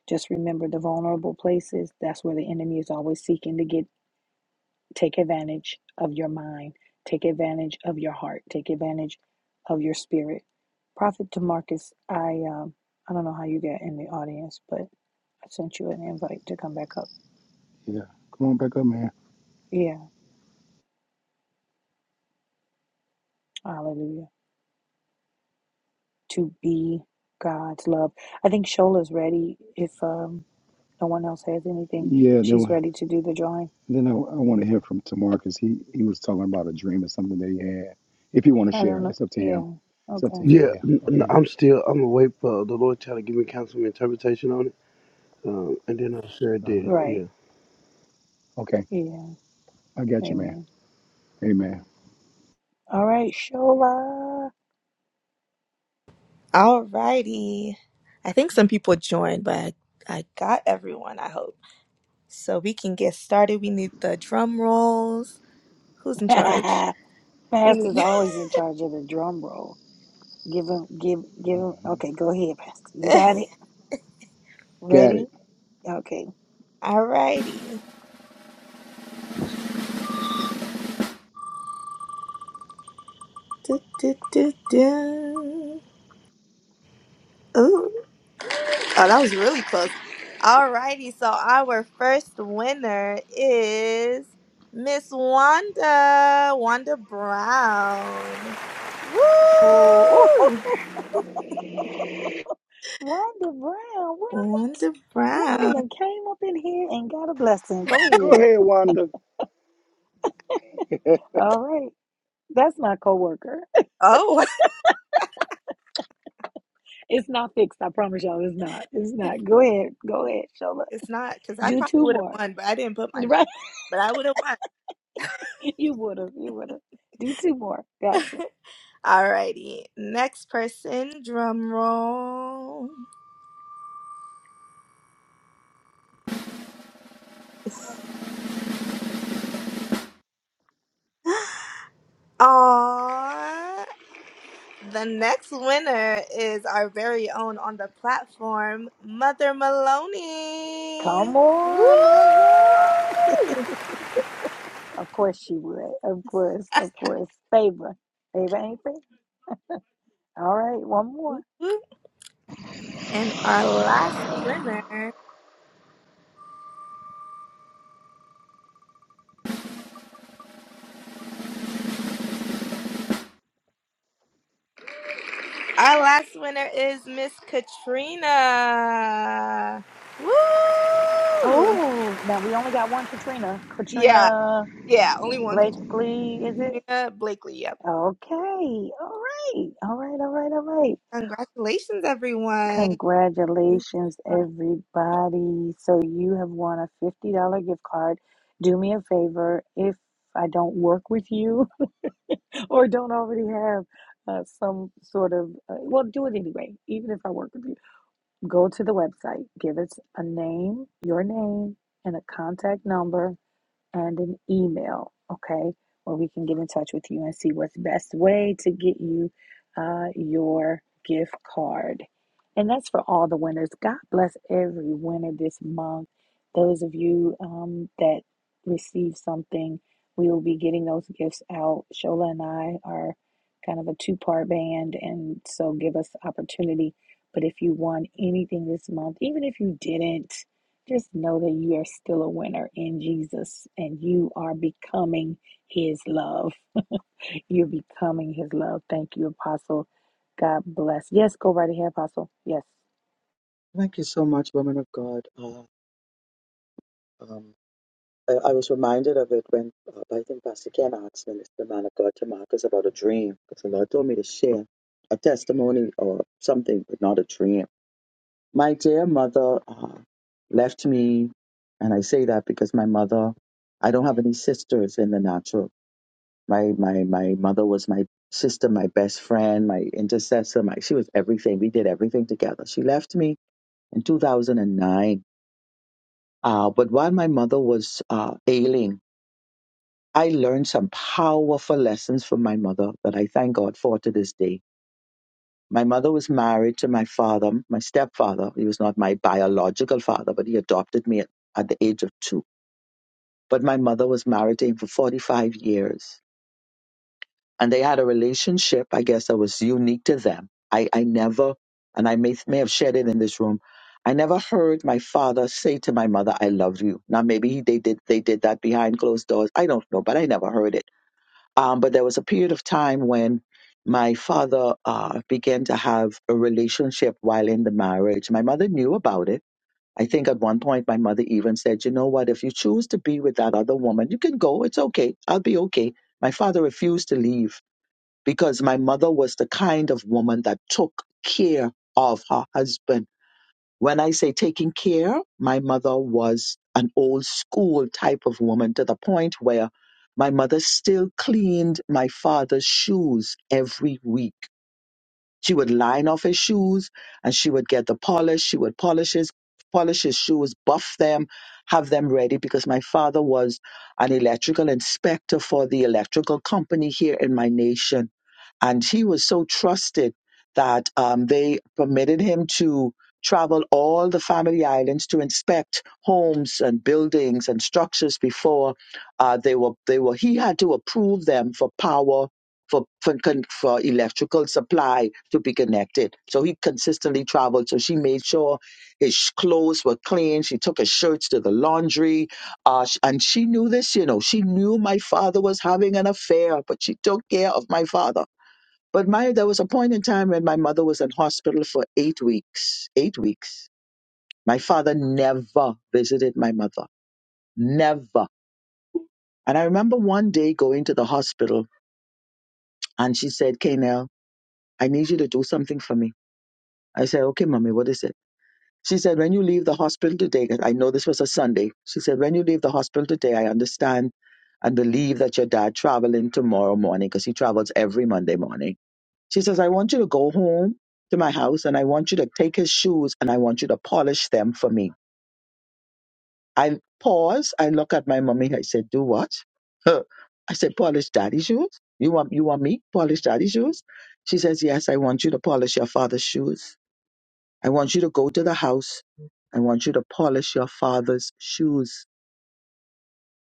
Just remember the vulnerable places. That's where the enemy is always seeking to get Take advantage of your mind. Take advantage of your heart. Take advantage of your spirit. Prophet Demarcus, I um, I don't know how you got in the audience, but I sent you an invite to come back up. yeah come on back up man Yeah, hallelujah. To be God's love. I think Shola's ready. If um, no one else has anything, yeah they she's were ready to do the drawing. Then I, I want to hear from Tamar because he, he was talking about a dream or something that he had. If you want to I share, don't know. it's up to him. Yeah. It's up to Okay. him. Yeah, Yeah. n- n- Okay. I'm still I'm awake, but the Lord trying to give me counsel and interpretation on it. Um, and then I sure Uh, did. Right. Yeah. okay. Yeah. I got you, man. Amen. Amen. All right, Shola. Alrighty. I think some people joined, but I, I got everyone, I hope. So we can get started. We need the drum rolls. Who's in charge? We Pastor's need always in charge of the drum roll. Give him, give, give him. Okay, go ahead, Pastor. You got it. Got Ready? it. Okay. Alrighty. Du, du, du, du. Ooh. Oh, that was really close. Alrighty, so our first winner is Miss Wanda, Wanda Brown. Oh, Woo! Wanda Brown, what? Wanda Wanda Brown. done came up in here and got a blessing. Go Go ahead. ahead, Wanda. All right. That's my coworker. Oh, It's not fixed. I promise y'all it's not. It's not. Go ahead. Go ahead, Shola. it's not because I Do probably two would have more. won, but I didn't put my name. Right? But I would have won. You would have. You would have. Do two more. Gotcha. Alrighty, next person, drum roll. Aww. The next winner is our very own on the platform, Mother Maloney. Come Woo! on, mother. Of course she would. Of course, of course. Favor. Favor ain't fair. All right, one more. And our last winner, our last winner is Miss Katrina. Woo! Oh, now we only got one Katrina. Yeah, Katrina yeah, only one Blakely, is it? Katrina Blakely. Yep. Okay. All right. All right, all right, all right. Congratulations, everyone. Congratulations, everybody. So you have won a $50 gift card. Do me a favor if I don't work with you or don't already have uh, some sort of, uh, well, do it anyway, even if I work with you Go to the website, give us a name, your name, and a contact number, and an email, okay, where we can get in touch with you and see what's best way to get you uh, your gift card. And that's for all the winners. God bless every winner this month. Those of you um, that receive something, we will be getting those gifts out. Shola and I are kind of a two part band, and so give us opportunity. But if you won anything this month, even if you didn't, just know that you are still a winner in Jesus and you are becoming his love. You're becoming his love. Thank you, Apostle. God bless. Yes, go right ahead, Apostle. Yes. Thank you so much, woman of God. Uh, um, I, I was reminded of it when uh, I think Pastor Ken asked Minister man of God to Marcus about a dream because the Lord told me to share a testimony or something, but not a dream. My dear mother uh, left me, and I say that because my mother, I don't have any sisters in the natural. My my my mother was my sister, my best friend, my intercessor. My she was everything. We did everything together. She left me in 2009. Uh, but while my mother was uh, ailing, I learned some powerful lessons from my mother that I thank God for to this day. My mother was married to my father, my stepfather. He was not my biological father, but he adopted me at, at the age of two. But my mother was married to him for 45 years. And they had a relationship, I guess, that was unique to them. I, I never, and I may, may have shared it in this room, I never heard my father say to my mother, I love you. Now, maybe he, they, did, they did that behind closed doors. I don't know, but I never heard it. Um, but there was a period of time when my father uh, began to have a relationship while in the marriage. My mother knew about it. I think at one point my mother even said, You know what? If you choose to be with that other woman, you can go. It's okay. I'll be okay. My father refused to leave because my mother was the kind of woman that took care of her husband when I say taking care, my mother was an old school type of woman to the point where my mother still cleaned my father's shoes every week. She would line off his shoes and she would get the polish. She would polish his, polish his shoes, buff them, have them ready because my father was an electrical inspector for the electrical company here in my nation. And he was so trusted that um, they permitted him to travel all the family islands to inspect homes and buildings and structures before uh, they were they were he had to approve them for power for for, con- for electrical supply to be connected. So he consistently traveled. So she made sure his sh- clothes were clean. She took his shirts to the laundry, uh, sh- and she knew this. You know, she knew my father was having an affair, but she took care of my father. But my there was a point in time when my mother was in hospital for eight weeks. Eight weeks. My father never visited my mother. Never. And I remember one day going to the hospital and she said, Kanel, I need you to do something for me. I said, okay, mommy, what is it? She said, when you leave the hospital today, 'cause I know this was a Sunday. She said, when you leave the hospital today, I understand and believe that your dad traveling tomorrow morning because he travels every Monday morning. She says, I want you to go home to my house and I want you to take his shoes and I want you to polish them for me. I pause. I look at my mommy. I said, do what? Huh. I said, polish daddy's shoes. You want, you want me polish daddy's shoes? She says, yes, I want you to polish your father's shoes. I want you to go to the house. I want you to polish your father's shoes.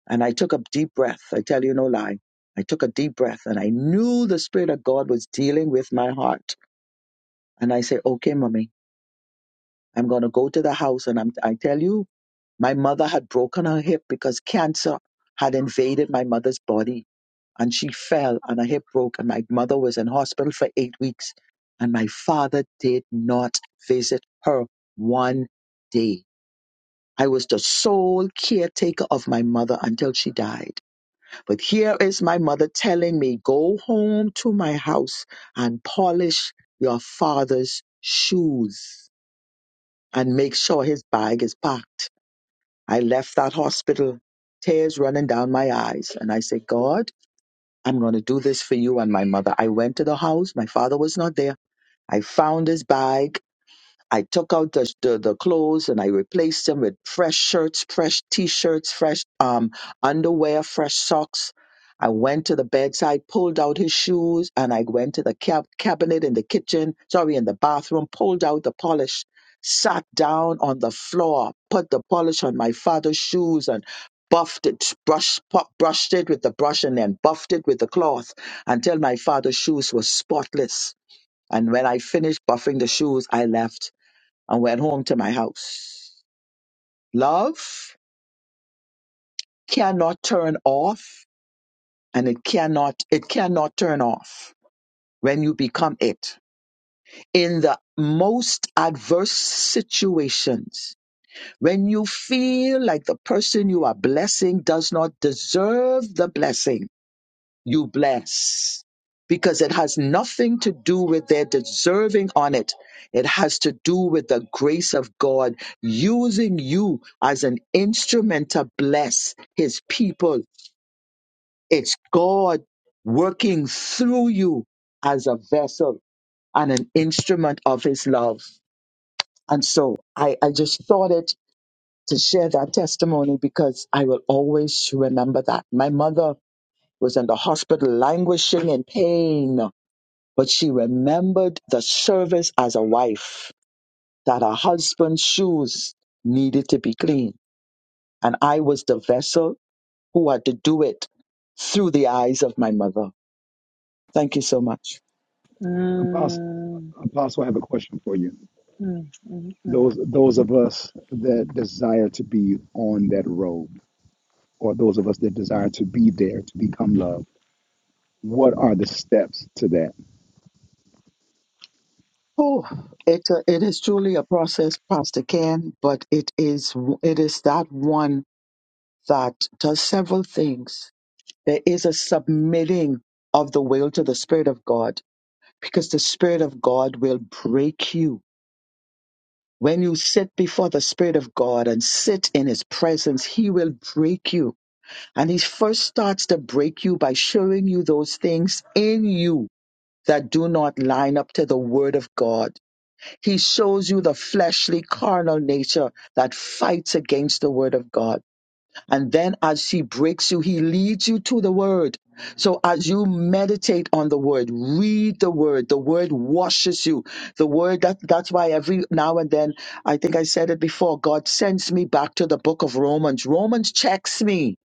And I took a deep breath. I tell you no lie. I took a deep breath and I knew the Spirit of God was dealing with my heart. And I say, okay, mommy, I'm going to go to the house. And I'm, I tell you, my mother had broken her hip because cancer had invaded my mother's body and she fell and her hip broke and my mother was in hospital for eight weeks and my father did not visit her one day I was the sole caretaker of my mother until she died. But here is my mother telling me, go home to my house and polish your father's shoes and make sure his bag is packed. I left that hospital, tears running down my eyes. And I said, God, I'm going to do this for you and my mother. I went to the house. My father was not there. I found his bag. I took out the, the, the clothes and I replaced them with fresh shirts, fresh t-shirts, fresh um, underwear, fresh socks. I went to the bedside, pulled out his shoes, and I went to the cab- cabinet in the kitchen, sorry, in the bathroom, pulled out the polish, sat down on the floor, put the polish on my father's shoes and buffed it, brushed, pu- brushed it with the brush and then buffed it with the cloth until my father's shoes were spotless. And when I finished buffing the shoes, I left and went home to my house. Love cannot turn off and it cannot it cannot turn off when you become it. In the most adverse situations, when you feel like the person you are blessing does not deserve the blessing you bless because it has nothing to do with their deserving on it. It has to do with the grace of God using you as an instrument to bless his people. It's God working through you as a vessel and an instrument of his love. And so I, I just thought it to share that testimony because I will always remember that. My mother was in the hospital languishing in pain but she remembered the service as a wife, that her husband's shoes needed to be clean. And I was the vessel who had to do it through the eyes of my mother. Thank you so much. Apostle, Mm, Apostle, I have a question for you. mm, mm, mm. Those those of us that desire to be on that road, or those of us that desire to be there to become love, what are the steps to that? Oh, it, uh, it is truly a process, Pastor Ken, but it is, it is that one that does several things. There is a submitting of the will to the Spirit of God because the Spirit of God will break you When you sit before the Spirit of God and sit in His presence, He will break you. And He first starts to break you by showing you those things in you that do not line up to the Word of God. He shows you the fleshly, carnal nature that fights against the Word of God. And then as she breaks you, he leads you to the word. So as you meditate on the word, read the word, the word washes you. The word that that's why every now and then, I think I said it before, God sends me back to the book of Romans. Romans checks me.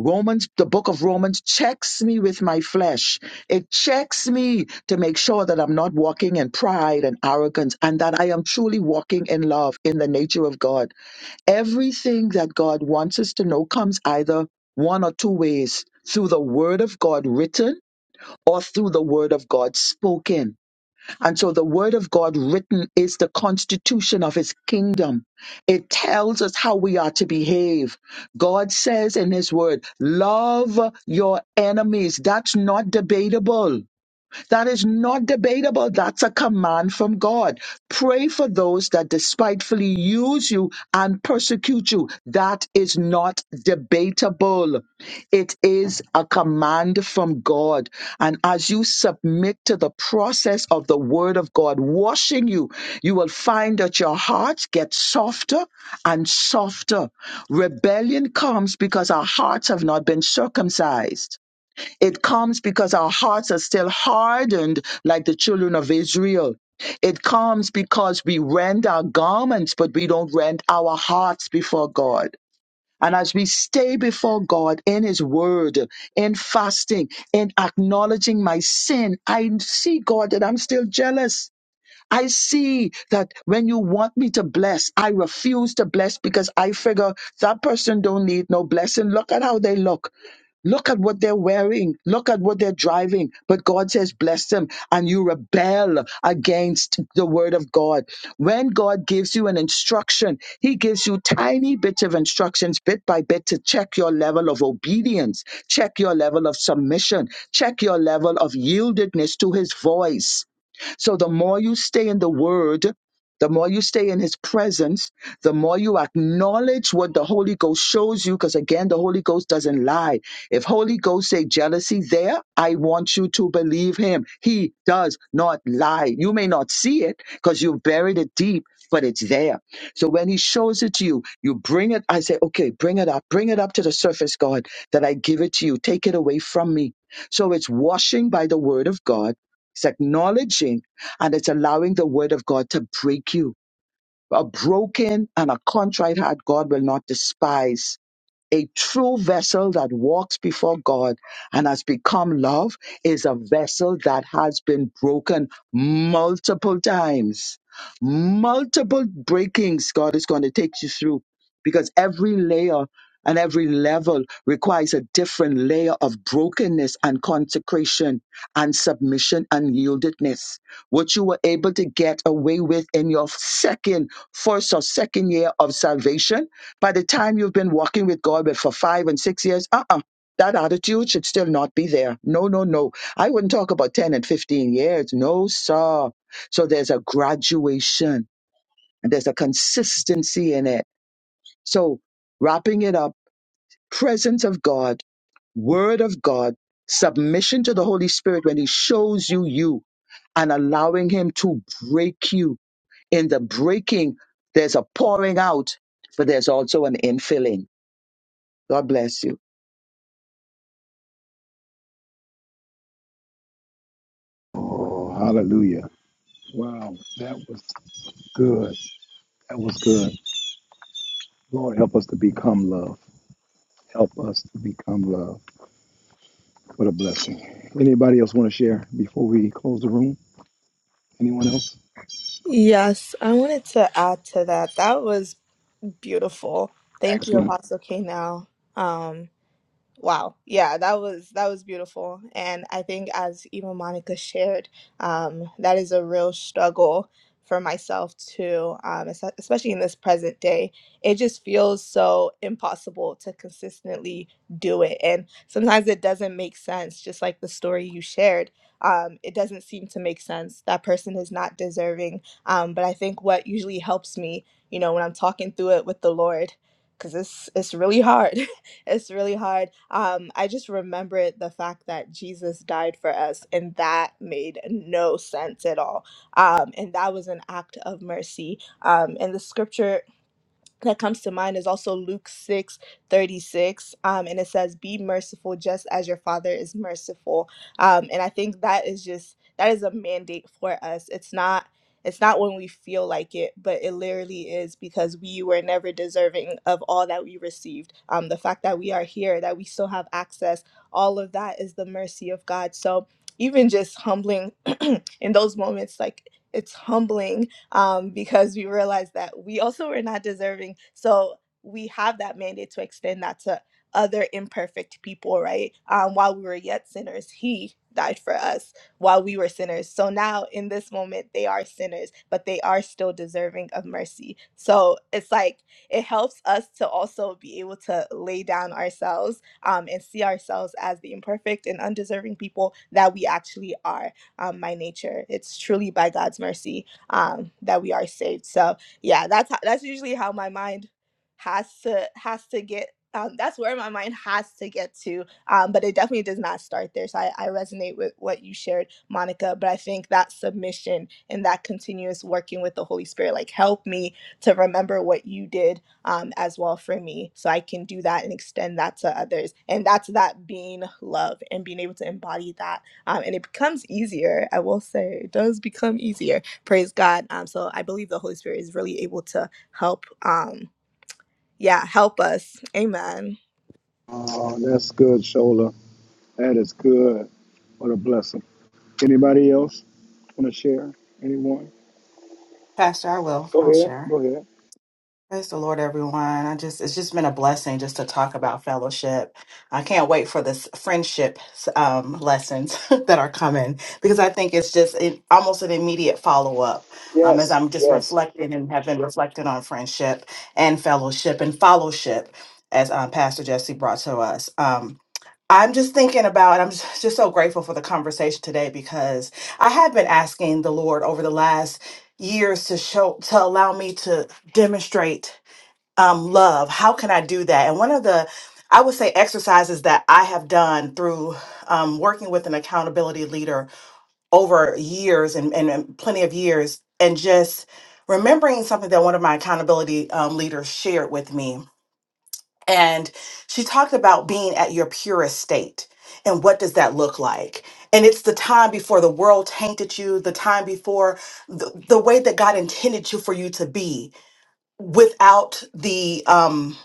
Romans, the book of Romans checks me with my flesh. It checks me to make sure that I'm not walking in pride and arrogance and that I am truly walking in love in the nature of God. Everything that God wants us to know comes either one or two ways through the Word of God written or through the Word of God spoken. And so the Word of God written is the constitution of His kingdom. It tells us how we are to behave. God says in His Word, love your enemies. That's not debatable. That is not debatable. That's a command from God. Pray for those that despitefully use you and persecute you. That is not debatable. It is a command from God. And as you submit to the process of the word of God washing you, you will find that your heart gets softer and softer. Rebellion comes because our hearts have not been circumcised. It comes because our hearts are still hardened like the children of Israel. It comes because we rend our garments, but we don't rend our hearts before God. And as we stay before God in His Word, in fasting, in acknowledging my sin, I see, God, that I'm still jealous. I see that when you want me to bless, I refuse to bless because I figure that person don't need no blessing. Look at how they look. Look at what they're wearing. Look at what they're driving. But God says, bless them. And you rebel against the word of God. When God gives you an instruction, He gives you tiny bits of instructions, bit by bit, to check your level of obedience, check your level of submission, check your level of yieldedness to His voice. So the more you stay in the word, the more you stay in his presence, the more you acknowledge what the Holy Ghost shows you, because again, the Holy Ghost doesn't lie. If Holy Ghost say jealousy there, I want you to believe him. He does not lie. You may not see it because you buried it deep, but it's there. So when he shows it to you, you bring it. I say, okay, bring it up, bring it up to the surface, God, that I give it to you. Take it away from me. So it's washing by the word of God. It's acknowledging and it's allowing the word of God to break you. A broken and a contrite heart, God will not despise a true vessel that walks before God and has become love is a vessel that has been broken multiple times. Multiple breakings God is going to take you through because every layer and every level requires a different layer of brokenness and consecration and submission and yieldedness. What you were able to get away with in your second, first or second year of salvation by the time you've been walking with God with- for five and six years, uh uh that attitude should still not be there. No, no, no. I wouldn't talk about 10 and 15 years. No, sir. So there's a graduation and there's a consistency in it. So wrapping it up, presence of God, word of God, submission to the Holy Spirit when he shows you you and allowing Him to break you. In the breaking, there's a pouring out, but there's also an infilling. God bless you. Oh, hallelujah! Wow, that was good. That was good. Lord, help us to become love. Help us to become love. What a blessing. Anybody else want to share before we close the room? Anyone else? Yes, I wanted to add to that. That was Beautiful. Thank you, Excellent. Apostle K. Now. Um, Wow. Yeah, that was that was beautiful. And I think as even Monica shared, um, that is a real struggle for myself too, um, es- especially in this present day. It just feels so impossible to consistently do it. And sometimes it doesn't make sense, just like the story you shared. Um, it doesn't seem to make sense. That person is not deserving. Um, but I think what usually helps me, you know, when I'm talking through it with the Lord, because it's it's really hard. it's really hard. Um, I just remembered the fact that Jesus died for us, and that made no sense at all. Um, and that was an act of mercy. Um, and the scripture that comes to mind is also Luke 6 36, Um, and it says, Be merciful just as your Father is merciful. Um, and I think that is just, that is a mandate for us. It's not. It's not when we feel like it, but it literally is because we were never deserving of all that we received. Um, the fact that we are here, that we still have access, all of that is the mercy of God. So even just humbling in those moments, like it's humbling um, because we realized that we also were not deserving. So we have that mandate to extend that to other imperfect people, right? Um, while we were yet sinners, He died for us while we were sinners. So now in this moment, they are sinners, but they are still deserving of mercy. So it's like it helps us to also be able to lay down ourselves um, and see ourselves as the imperfect and undeserving people that we actually are um, by nature. It's truly by God's mercy um, that we are saved. So yeah, that's how, that's usually how my mind has to has to get. Um, that's where my mind has to get to, um, but it definitely does not start there. So I, I resonate with what you shared, Monica. But I think that submission and that continuous working with the Holy Spirit, like help me to remember what you did um, as well for me so i can do that and extend that to others and that's that being love and being able to embody that um, and it becomes easier i will say it does become easier praise god um so i believe the holy spirit is really able to help um yeah help us amen Oh, that's good, Shola. That is good. What a blessing. Anybody else want to share? Anyone? Pastor, I will. Go I'll ahead. share. Go ahead. Praise the Lord, everyone. I just it's just been a blessing just to talk about fellowship. I can't wait for this friendship um, lessons that are coming because I think it's just it, almost an immediate follow up um, as Yes. I'm just Yes. reflecting and have been reflecting on friendship and fellowship and fellowship as um, Pastor Jesse brought to us. Um, I'm just thinking about, I'm just just so grateful for the conversation today because I have been asking the Lord over the last years to show, to allow me to demonstrate um, love. How can I do that? And one of the, I would say, exercises that I have done through um, working with an accountability leader over years and, and, and plenty of years, and just remembering something that one of my accountability um, leaders shared with me and she talked about being at your purest state and what does that look like and it's the time before the world tainted you the time before the, the way that god intended you for you to be without the um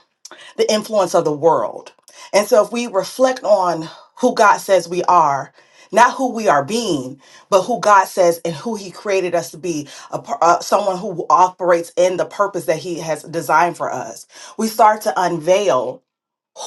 the influence of the world and so if we reflect on who god says we are not who we are being but who god says and who he created us to be a, par- uh, someone who operates in the purpose that he has designed for us we start to unveil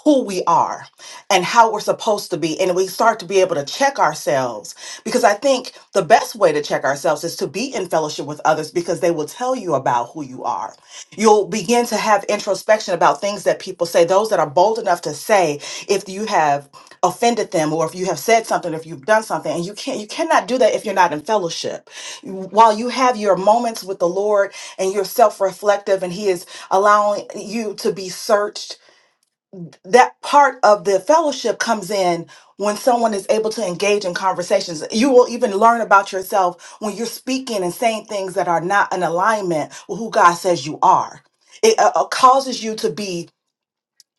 who we are and how we're supposed to be and we start to be able to check ourselves because i think the best way to check ourselves is to be in fellowship with others because they will tell you about who you are you'll begin to have introspection about things that people say those that are bold enough to say if you have offended them or if you have said something if you've done something and you can't you cannot do that if you're not in fellowship while you have your moments with the lord and you're self-reflective and he is allowing you to be searched that part of the fellowship comes in when someone is able to engage in conversations. You will even learn about yourself when you're speaking and saying things that are not in alignment with who God says you are. It uh, uh, causes you to be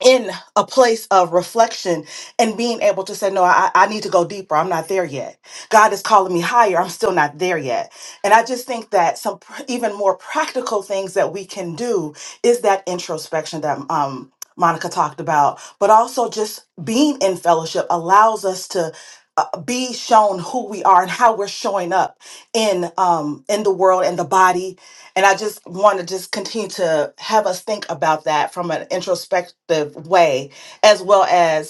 in a place of reflection and being able to say, No, I, I need to go deeper. I'm not there yet. God is calling me higher. I'm still not there yet. And I just think that some pr- even more practical things that we can do is that introspection that um, Monica talked about, but also just being in fellowship allows us to. Uh, be shown who we are and how we're showing up in um in the world and the body and I just want to just continue to have us think about that from an introspective way, as well as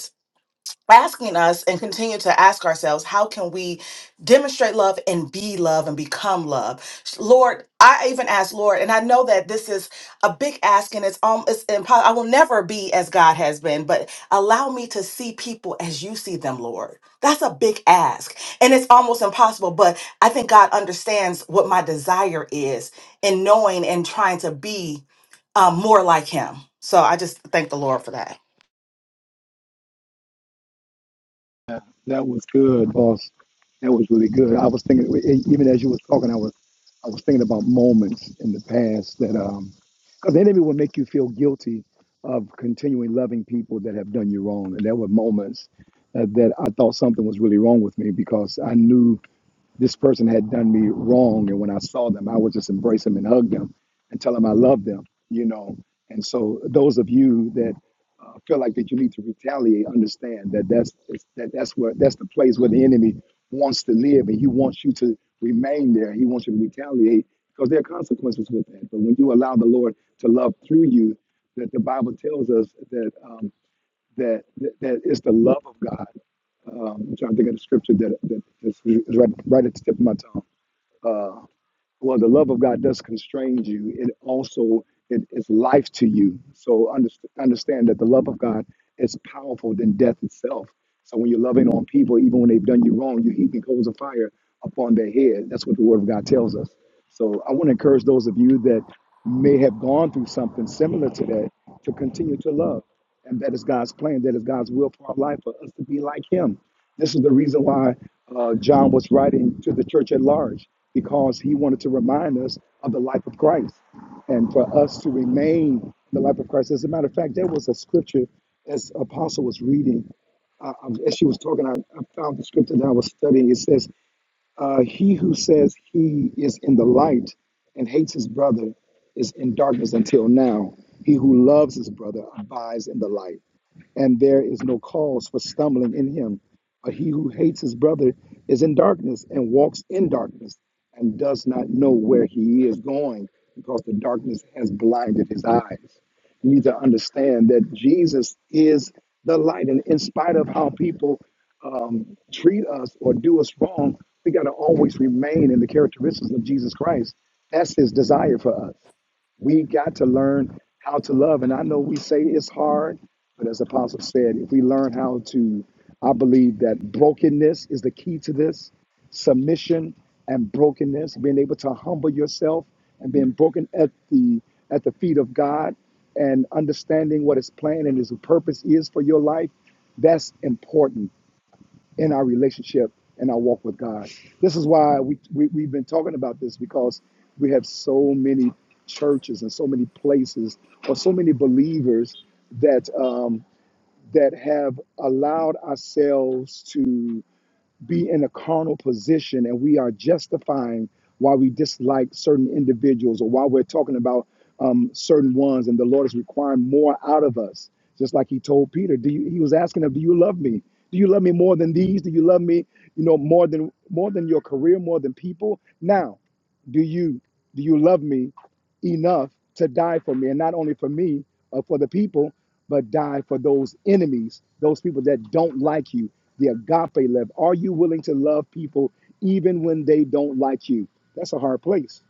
asking us and continue to ask ourselves how can we demonstrate love and be love and become love lord i even ask lord and i know that this is a big ask and it's um it's impossible i will never be as god has been but allow me to see people as you see them lord that's a big ask and it's almost impossible but i think god understands what my desire is in knowing and trying to be um, more like him so i just thank the lord for that That was good, boss. That was really good. I was thinking, e- even as you was talking, I was, I was thinking about moments in the past that, um, because the enemy will make you feel guilty of continuing loving people that have done you wrong. And there were moments uh, that I thought something was really wrong with me because I knew this person had done me wrong. And when I saw them, I would just embrace them and hug them and tell them I love them, you know. And so those of you that uh, feel like that you need to retaliate, understand that that's that that's where that's the place where the enemy wants to live, and he wants you to remain there. He wants you to retaliate because there are consequences with that. But when you allow the Lord to love through you, that the Bible tells us that um, that that that is the love of God um, I'm trying to think of the scripture that, that is right, right at the tip of my tongue. Uh, well, the love of God does constrain you. It also it is life to you. So underst- understand that the love of God is powerful than death itself. So when you're loving on people, even when they've done you wrong, you heaping coals of fire upon their head. That's what the Word of God tells us. So I want to encourage those of you that may have gone through something similar to that to continue to love and that is God's plan, that is God's will for our life, for us to be like Him. This is the reason why uh, John was writing to the church at large, because he wanted to remind us of the life of Christ and for us to remain in the life of Christ. As a matter of fact, there was a scripture as Apostle was reading, uh, um, as she was talking, I, I found the scripture that I was studying. It says, uh, he who says he is in the light and hates his brother is in darkness until now. He who loves his brother abides in the light, and there is no cause for stumbling in him. But he who hates his brother is in darkness and walks in darkness and does not know where he is going because the darkness has blinded his eyes. We need to understand that Jesus is the light. And in spite of how people um, treat us or do us wrong, we got to always remain in the characteristics of Jesus Christ. That's his desire for us. We got to learn how to love. And I know we say it's hard, but as Apostle said, if we learn how to, I believe that brokenness is the key to this submission and brokenness, being able to humble yourself and being broken at the at the feet of God and understanding what his plan and his purpose is for your life. That's important in our relationship and our walk with God. This is why we, we, we've been talking about this because we have so many churches and so many places or so many believers that um, that have allowed ourselves to be in a carnal position and we are justifying why we dislike certain individuals or why we're talking about um, certain ones and the Lord is requiring more out of us. Just like he told Peter, do you, he was asking him, do you love me? Do you love me more than these? Do you love me, you know, more than more than your career, more than people? Now, do you do you love me enough to die for me, and not only for me, uh, for the people, but die for those enemies, those people that don't like you. The agape love. Are you willing to love people even when they don't like you? That's a hard place,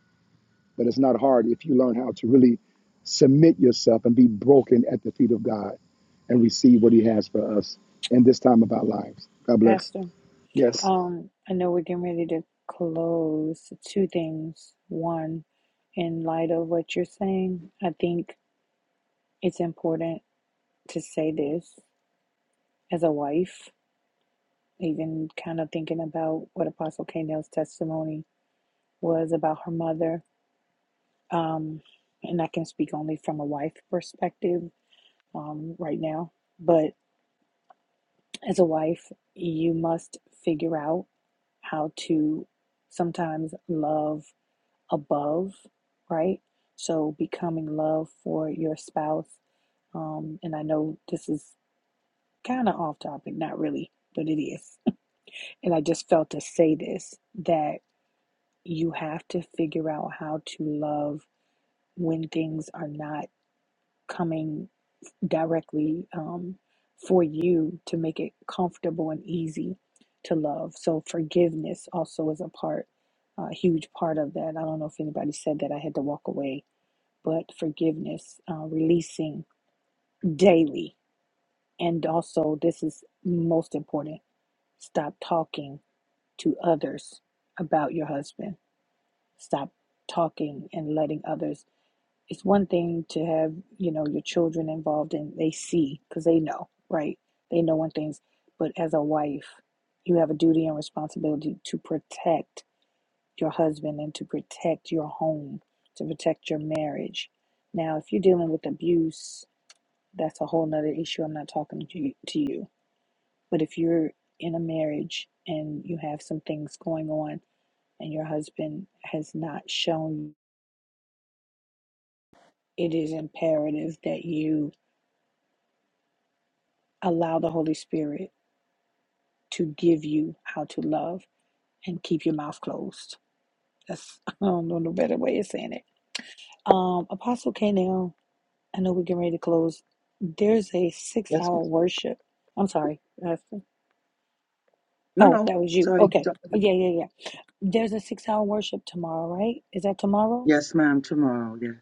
but it's not hard if you learn how to really submit yourself and be broken at the feet of God and receive what He has for us in this time of our lives. God bless. Pastor, Yes. um, I know we're getting ready to close. Two things. One, in light of what you're saying, I think it's important to say this as a wife. even kind of thinking about what Apostle K. Neal's testimony was about her mother. Um, and I can speak only from a wife perspective um, right now. But as a wife, you must figure out how to sometimes love above, right? So becoming love for your spouse. Um, and I know this is kind of off topic, not really, but it is. And I just felt to say this that you have to figure out how to love when things are not coming directly um, for you to make it comfortable and easy to love. So forgiveness also is a part, a huge part of that. I don't know if anybody said that. I had to walk away, but forgiveness, uh, releasing daily, and also this is most important. Stop talking to others about your husband. Stop talking and letting others it's one thing to have you know your children involved and they see because they know right they know when things but as a wife you have a duty and responsibility to protect your husband and to protect your home to protect your marriage now if you're dealing with abuse that's a whole nother issue i'm not talking to you, to you but if you're in a marriage and you have some things going on and your husband has not shown you, it is imperative that you Allow the Holy Spirit to give you how to love and keep your mouth closed. That's I don't know no better way of saying it. Um, Apostle K now, I know we're getting ready to close. There's a six Yes. hour worship. I'm sorry. that's- No, Oh, no. that was you. Sorry. Okay. do Oh, Yeah, yeah, yeah. There's a six hour worship tomorrow, right? Is that tomorrow? Yes, ma'am. Tomorrow. Yes.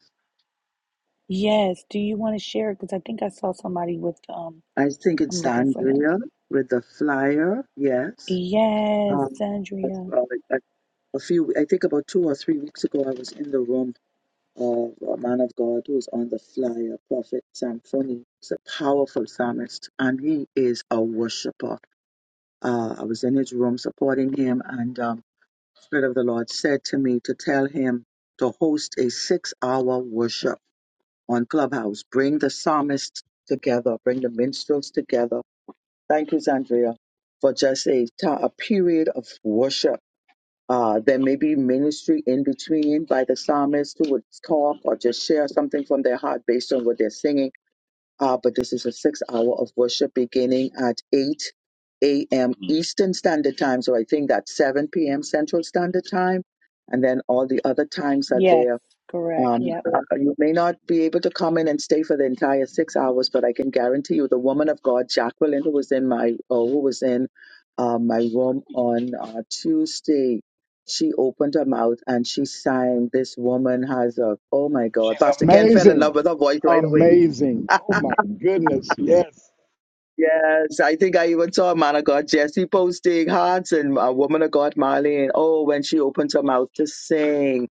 Yes. Do you want to share it? Because I think I saw somebody with um I think I'm it's looking for them. Andrea with the flyer. Yes. Yes, Um, uh, Andrea. a, a few, I think about two or three weeks ago, I was in the room of a man of God who's on the flyer, Prophet Samphony. He's a powerful psalmist, and he is a worshiper. Uh, I was in his room supporting him, and um, Spirit of the Lord said to me to tell him to host a six-hour worship on Clubhouse. Bring the psalmists together, bring the minstrels together. Thank you, Zandria, for just a, ti- a period of worship. Uh, there may be ministry in between by the psalmist who would talk or just share something from their heart based on what they're singing. Uh, but this is a six hour of worship beginning at 8 a.m. Eastern Standard Time. So I think that's 7 p.m. Central Standard Time. And then all the other times are Yes, there correct. um, Yep. uh, you may not be able to come in and stay for the entire six hours, but I can guarantee you the woman of God, Jacqueline, who was in my, oh, who was in uh, my room on uh, Tuesday, she opened her mouth and she sang. This woman has a, oh my God, She's Pastor Ken fell in amazing. love with her voice right away. Amazing. Oh my goodness. Yes. Yes, I think I even saw a man of God, Jesse, posting hearts and a woman of God, Marlene. Oh, when she opens her mouth to sing.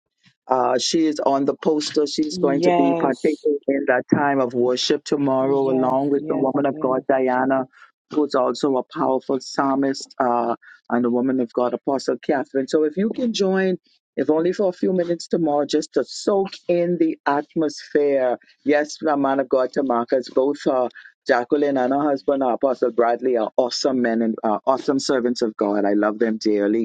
Uh, she is on the poster. She's going to be Yes. partaking in that time of worship tomorrow, Yes, along with the yes, woman of God, yes. Diana, who's also a powerful psalmist, uh, and the woman of God, Apostle Catherine. So if you can join, if only for a few minutes tomorrow, just to soak in the atmosphere. Yes, my man of God, Tamarcus, both uh, Jacqueline and her husband, uh, Apostle Bradley, are awesome men and uh, awesome servants of God. I love them dearly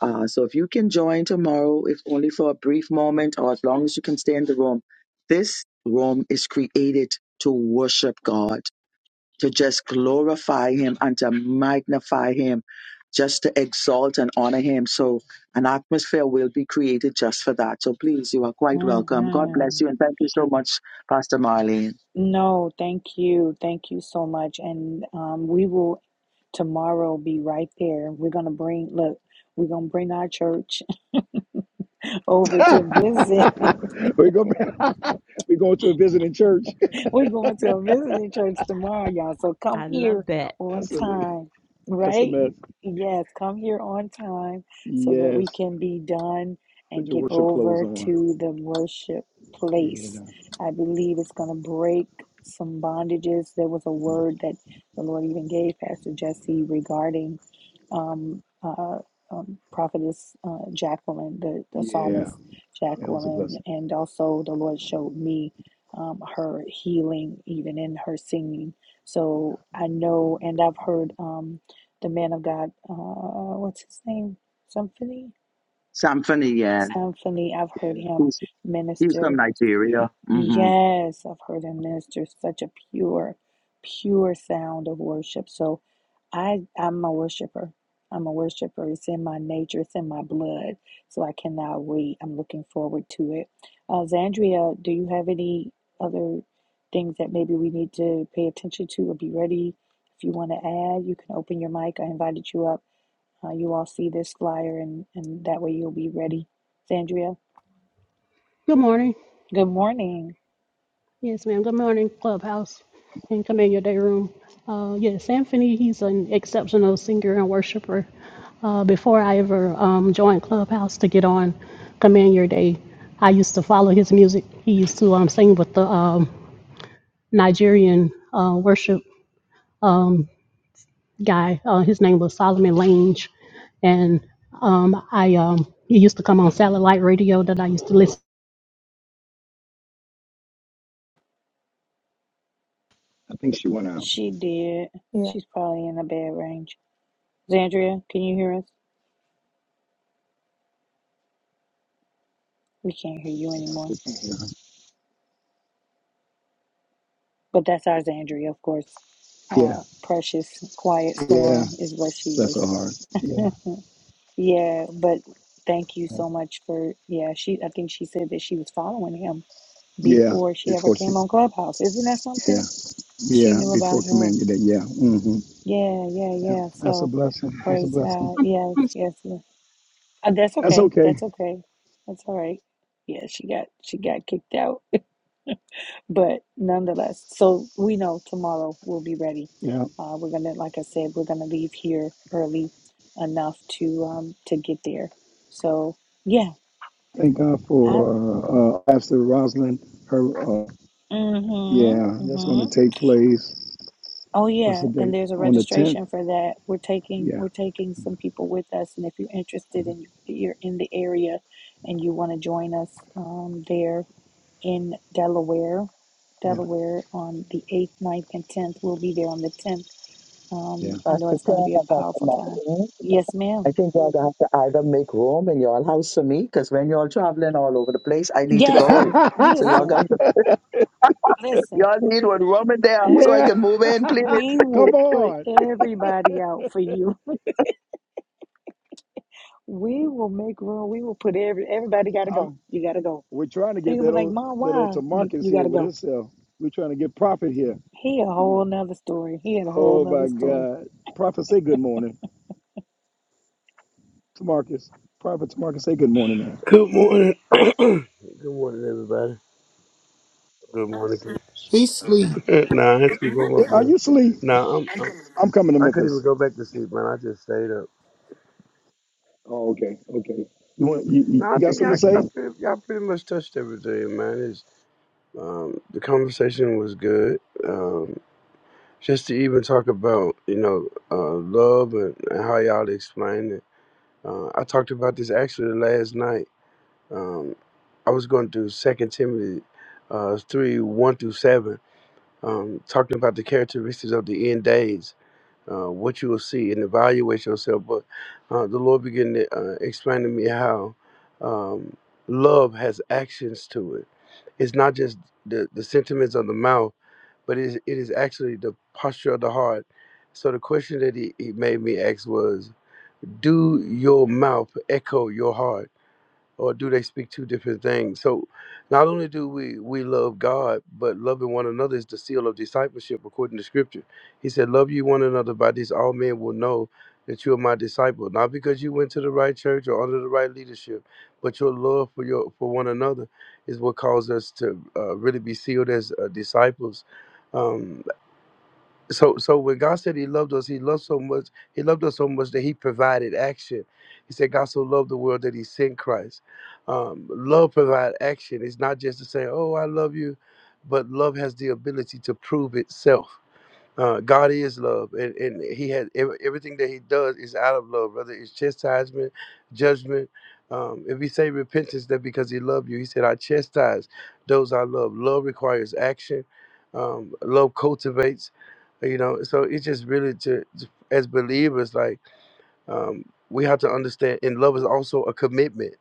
uh, so if you can join tomorrow, if only for a brief moment or as long as you can stay in the room, this room is created to worship God, to just glorify Him and to magnify Him, just to exalt and honor Him. So an atmosphere will be created just for that. So please, you are quite welcome. God hmm bless you and thank you so much, Pastor Marlene. No, thank you. Thank you so much. And um, we will tomorrow be right there. We're going to bring, look, we're going to bring our church over to visit. we go back. we go to a visiting church. We're going to a visiting church tomorrow, y'all. So come I here love on That's a time, that's a right? mess. Yes, come here on time so that we Yes. can be done Put and your get worship clothes over on. to the worship place. Yeah. I believe it's going to break some bondages. There was a word that the Lord even gave Pastor Jesse regarding um, uh, um, prophetess uh, Jacqueline, the, the Yeah. psalmist That was a Jacqueline, blessing. and also the Lord showed me um, her healing, even in her singing. So I know, and I've heard um, the man of God, uh, what's his name? Symphony? Samphony, yeah. Symphony. I've Yeah. heard him He's, he's minister from Yeah. Nigeria. hmm Yes, I've heard him minister such a pure, pure sound of worship. So I I'm a worshiper. I'm a worshiper. It's in my nature, it's in my blood. So I cannot wait. I'm looking forward to it. Uh, Zandria, do you have any other things that maybe we need to pay attention to or be ready? If you want to add, you can open your mic. I invited you up. Uh, you all see this flyer and, and that way you'll be ready. Zandria, Good morning. good morning. Yes, ma'am. Good morning, Clubhouse and Command Day Room. Uh, yes, Anthony, he's an exceptional singer and worshiper. Uh, before I ever um, joined Clubhouse to get on Command Your Day, I used to follow his music. He used to um, sing with the um, Nigerian uh, worship um, guy. Uh, his name was Solomon Lange. And um, I um, he used to come on satellite radio that I used to listen I think she went out. She did. yeah She's probably in a bad range. Zandria, can you hear us? We can't hear you anymore. But that's our Zandria, of course. Yeah. Uh, precious, quiet Yeah. storm is what she Bless is. her heart. Yeah. yeah, but thank you so much for. Yeah, she. I think she said that she was following him Yeah. before she ever Before she. came on Clubhouse. Isn't that Yeah. something? She Yeah. knew about Before him. commanded it. Yeah. hmm Yeah, yeah, Yeah. yeah. That's a So, blessing. That's a praise blessing. God. Yes, yes, yes. Uh, that's That's okay. okay. That's okay. That's all right. Yeah, she got she got kicked out. But nonetheless, so we know tomorrow we'll be ready. Yeah. Uh, we're gonna, like I said, we're gonna leave here early enough to um to get there. So yeah, Thank God for I'm. uh, uh, Pastor Rosalind. Her. uh, Yeah, Mm-hmm. that's going to Mm-hmm. take place. Oh What's yeah, the and date? there's a On the tenth. registration for that. We're taking Yeah, we're taking some people with us, and if you're interested and you're in the area, and you want to join us um there in Delaware, yeah, Delaware on the eighth, ninth, and tenth, we'll be there on the tenth yeah. Um, I know Pastor it's going to Ken be a and Pastor powerful time. Marlene. Yes, I ma'am. think y'all gonna have to either make room in y'all house for me, because when y'all traveling all over the place, I need to Yes, go. So y'all listen, got to, listen. y'all need one room in there We so I yeah. can move in, please. we Come will put on. everybody out for you. we will make room. We will put every everybody got to I'm, go. You got to go. we're trying to get They're that gonna be like, old Mom, that old why? You Tamarcus you got here to with go. himself. We're trying to get Prophet here. He a whole nother story. He had a whole Oh nother my story. God. Prophet, say good morning. Tamarcus. Prophet Tamarcus, say good morning, man. Good morning. good morning, everybody. Good morning. He's sleep. Good- nah, I ain't sleep. I'm Yeah, up Are now. you asleep? Nah, I'm, I'm I'm coming to I couldn't even Memphis. go back to sleep, man. I just stayed up. Oh, okay, okay. You want you, you No, I you got think something y'all, to I say? pretty, y'all pretty much touched everything, man. Um, the conversation was good. Um, just to even talk about, you know, uh, love and, and how y'all explain it. Uh, I talked about this actually last night. Um, I was going through Second Timothy uh, three one through seven, um, talking about the characteristics of the end days, uh, what you will see, and evaluate yourself. But uh, the Lord began to uh, explain to me how um, love has actions to it. It's not just the, the sentiments of the mouth but it, is, it is actually the posture of the heart. So the question that he, he made me ask was, do your mouth echo your heart, or do they speak two different things? So not only do we we love God, but loving one another is the seal of discipleship according to Scripture. He said, "Love you one another by this, all men will know." That you are my disciple, not because you went to the right church or under the right leadership, but your love for your for one another is what caused us to uh, really be sealed as uh, disciples. Um, so so when God said he loved us, he loved so much, he loved us so much that he provided action. He said God so loved the world that he sent Christ. Um, love provide action. It's not just to say, Oh, I love you, but love has the ability to prove itself. Uh, God is love, and, and He has ev- everything that He does is out of love, whether it's chastisement, judgment. Um, if we say repentance, that because He loved you, He said, "I chastise those I love." Love requires action. Um, love cultivates, uh, you know. So it's just really to, as believers, like um, we have to understand, and love is also a commitment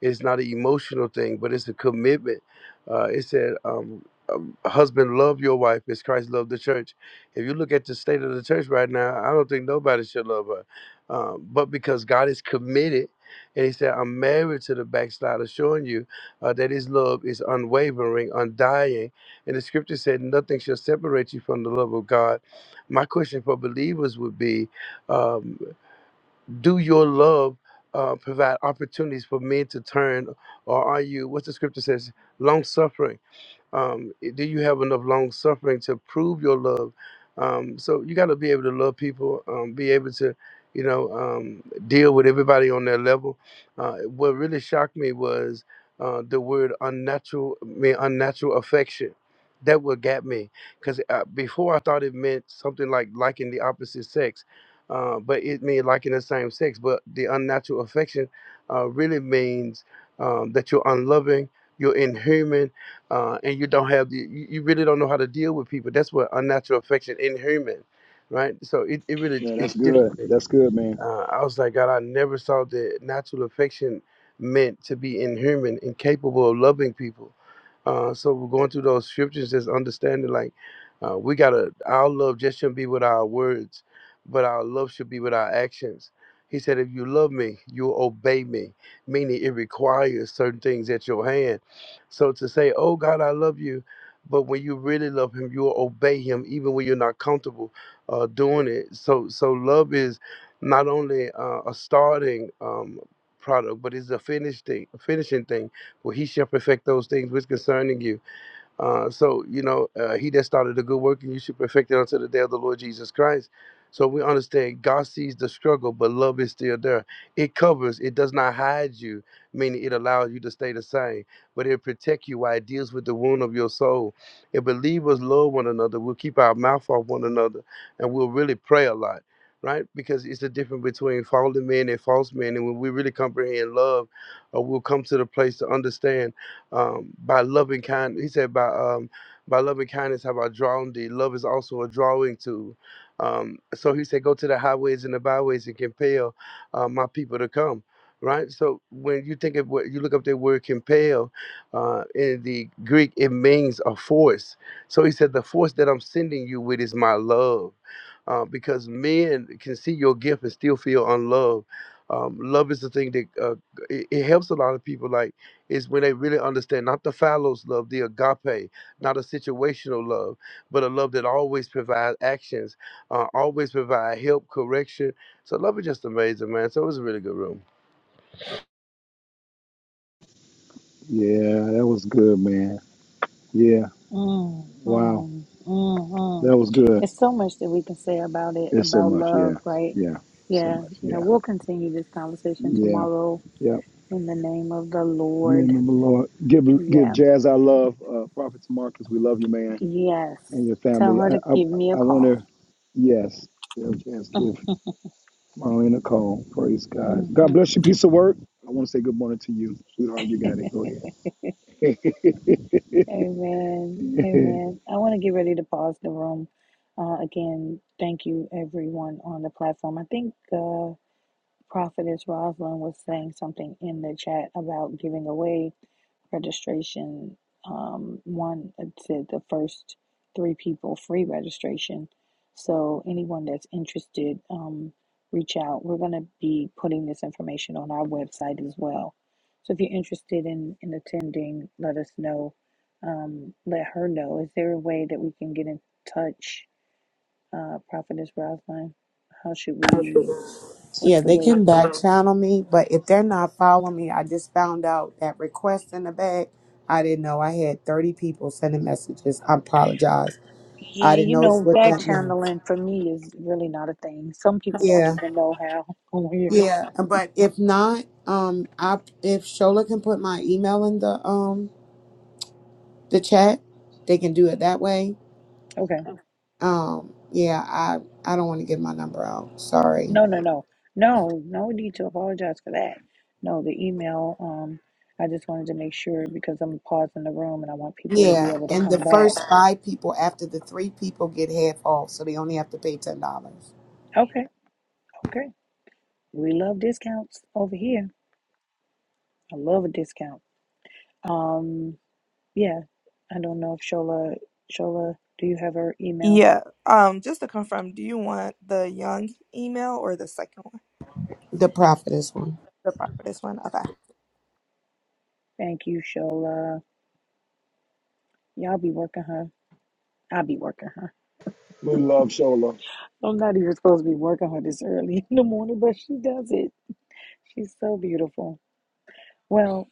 it's not an emotional thing, but it's a commitment. Uh, it said, um, um, "Husband, love your wife as Christ loved the church." If you look at the state of the church right now, I don't think nobody should love her, um, but because God is committed, and He said, "I'm married to the backslider," showing you uh, that His love is unwavering, undying. And the Scripture said, "Nothing shall separate you from the love of God." My question for believers would be. um, do your love uh, provide opportunities for men to turn, or are you, what the scripture says, long suffering? Um, do you have enough long suffering to prove your love? Um, so you got to be able to love people, um, be able to, you know, um, deal with everybody on their level. Uh, what really shocked me was uh, the word unnatural, me unnatural affection. That what got me, because uh, before I thought it meant something like liking the opposite sex, uh, but it means liking the same sex. But the unnatural affection uh, really means um, that you're unloving, you're inhuman, uh, and you don't have the you, you really don't know how to deal with people. That's what unnatural affection, inhuman, right? So it, it really Yeah, that's its good. just. That's good, man. Uh, I was like, God, I never saw that natural affection meant to be inhuman, incapable of loving people. Uh, so we're going through those scriptures, just understanding like uh, we gotta our love just shouldn't be with our words, but our love should be with our actions. He said, if you love me, you will obey me, meaning it requires certain things at your hand. So to say, oh God, I love you, but when you really love him, you will obey him even when you're not comfortable uh, doing it. So so love is not only uh, a starting um, product, but it's a finished thing, a finishing thing. For he shall perfect those things which concerning you. Uh, so, you know, uh, he that started a good work and you should perfect it until the day of the Lord Jesus Christ. So we understand God sees the struggle, but love is still there. It covers, it does not hide you, meaning it allows you to stay the same, but it protects you while it deals with the wound of your soul. If believers love one another, we'll keep our mouth off one another and we'll really pray a lot, right? Because it's the difference between fallen men and false men. And when we really comprehend love, uh, we'll come to the place to understand um, by loving kind. He said by um, by loving kindness have I drawn thee. Love is also a drawing tool. Um, so he said, go to the highways and the byways and compel uh, my people to come. Right. So when you think of what you look up the word compel uh, in the Greek, it means a force. So he said, the force that I'm sending you with is my love. Uh, because men can see your gift and still feel unloved. Um, love is the thing that uh, it, it helps a lot of people. Like is when they really understand not the fallows love, the agape, not a situational love, but a love that always provides actions, uh, always provide help, correction. So love is just amazing, man. So it was a really good room. Yeah, that was good, man. Yeah. Mm, Wow. mm, mm, mm. That was good. It's so much that we can say about it, It's so about much. Yeah. love, right? Yeah. So Yeah, much. yeah. Yeah. We'll continue this conversation Yeah. tomorrow yeah. in the name of the Lord. Name of the Lord. Give give Yeah, Jazz our love. Uh, Prophet Marcus, we love you, man, yes. and your Tell family. her I to I, give me a I want call. to. Yes. Tell Jazz give Marlene a call. Praise God. God Mm-hmm. bless you. Piece of work. I want to say good morning to you, sweetheart. You got it. Go ahead. Amen. Amen. I want to get ready to pause the room. Uh, again, thank you everyone on the platform. I think uh, Prophetess Rosalind was saying something in the chat about giving away. registration. Um, one it said the first three people free registration. So anyone that's interested, um, reach out. We're going to be putting this information on our website as well. So if you're interested in in attending, let us know. Um, let her know. Is there a way that we can get in touch, uh, Prophetess Rosalind? How should we? What's Yeah, the they way? can back channel me, but if they're not following me, I just found out that request in the bag. I didn't know I had 30 people sending messages. I apologize. I Yeah, didn't you know it's know, what back that meant. channeling for me is really not a thing. Some people don't Yeah, even know how on here. yeah. But if not, um, I if Shola can put my email in the um the chat, they can do it that way. Okay. Um, yeah, I I don't want to give my number out. Sorry. No, no, no. No, no need to apologize for that. No, the email, um, I just wanted to make sure because I'm pausing the room and I want people to be Yeah, able to and come the back. first five people after the three people get half off, so they only have to pay ten dollars. Okay, okay. We love discounts over here. I love a discount. Um, yeah. I don't know if Shola Shola, do you have her email? Yeah. Um, just to confirm, do you want the young email or the second one? The prophetess one. The prophetess one? Okay. Thank you, Shola. Y'all be working her. I'll be working her. we love Shola. I'm not even supposed to be working her this early in the morning, but she does it. She's so beautiful. Well,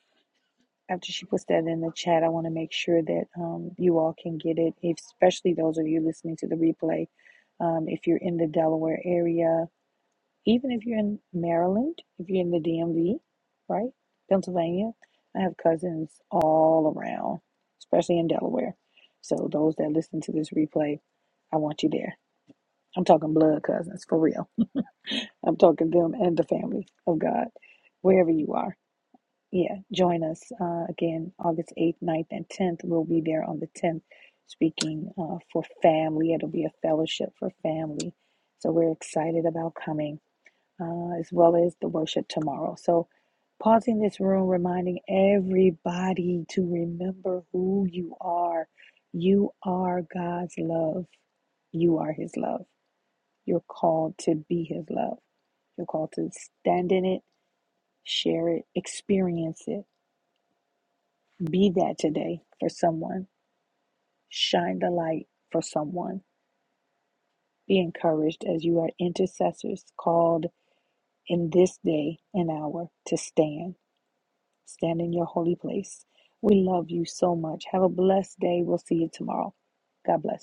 after she puts that in the chat, I want to make sure that um, you all can get it, especially those of you listening to the replay. Um, if you're in the Delaware area, even if you're in Maryland, if you're in the DMV, right? Pennsylvania, I have cousins all around, especially in Delaware. So those that listen to this replay, I want you there. I'm talking blood cousins for real. I'm talking them and the family of God, wherever you are. Yeah, join us uh, again August 8th, ninth, and 10th. We'll be there on the 10th speaking uh, for family. It'll be a fellowship for family. So we're excited about coming uh, as well as the worship tomorrow. So, pausing this room, reminding everybody to remember who you are. You are God's love, you are His love. You're called to be His love. You're called to stand in it, share it, experience it. Be that today for someone. Shine the light for someone. Be encouraged as you are intercessors called in this day and hour to stand. Stand in your holy place. We love you so much. Have a blessed day. We'll see you tomorrow. God bless.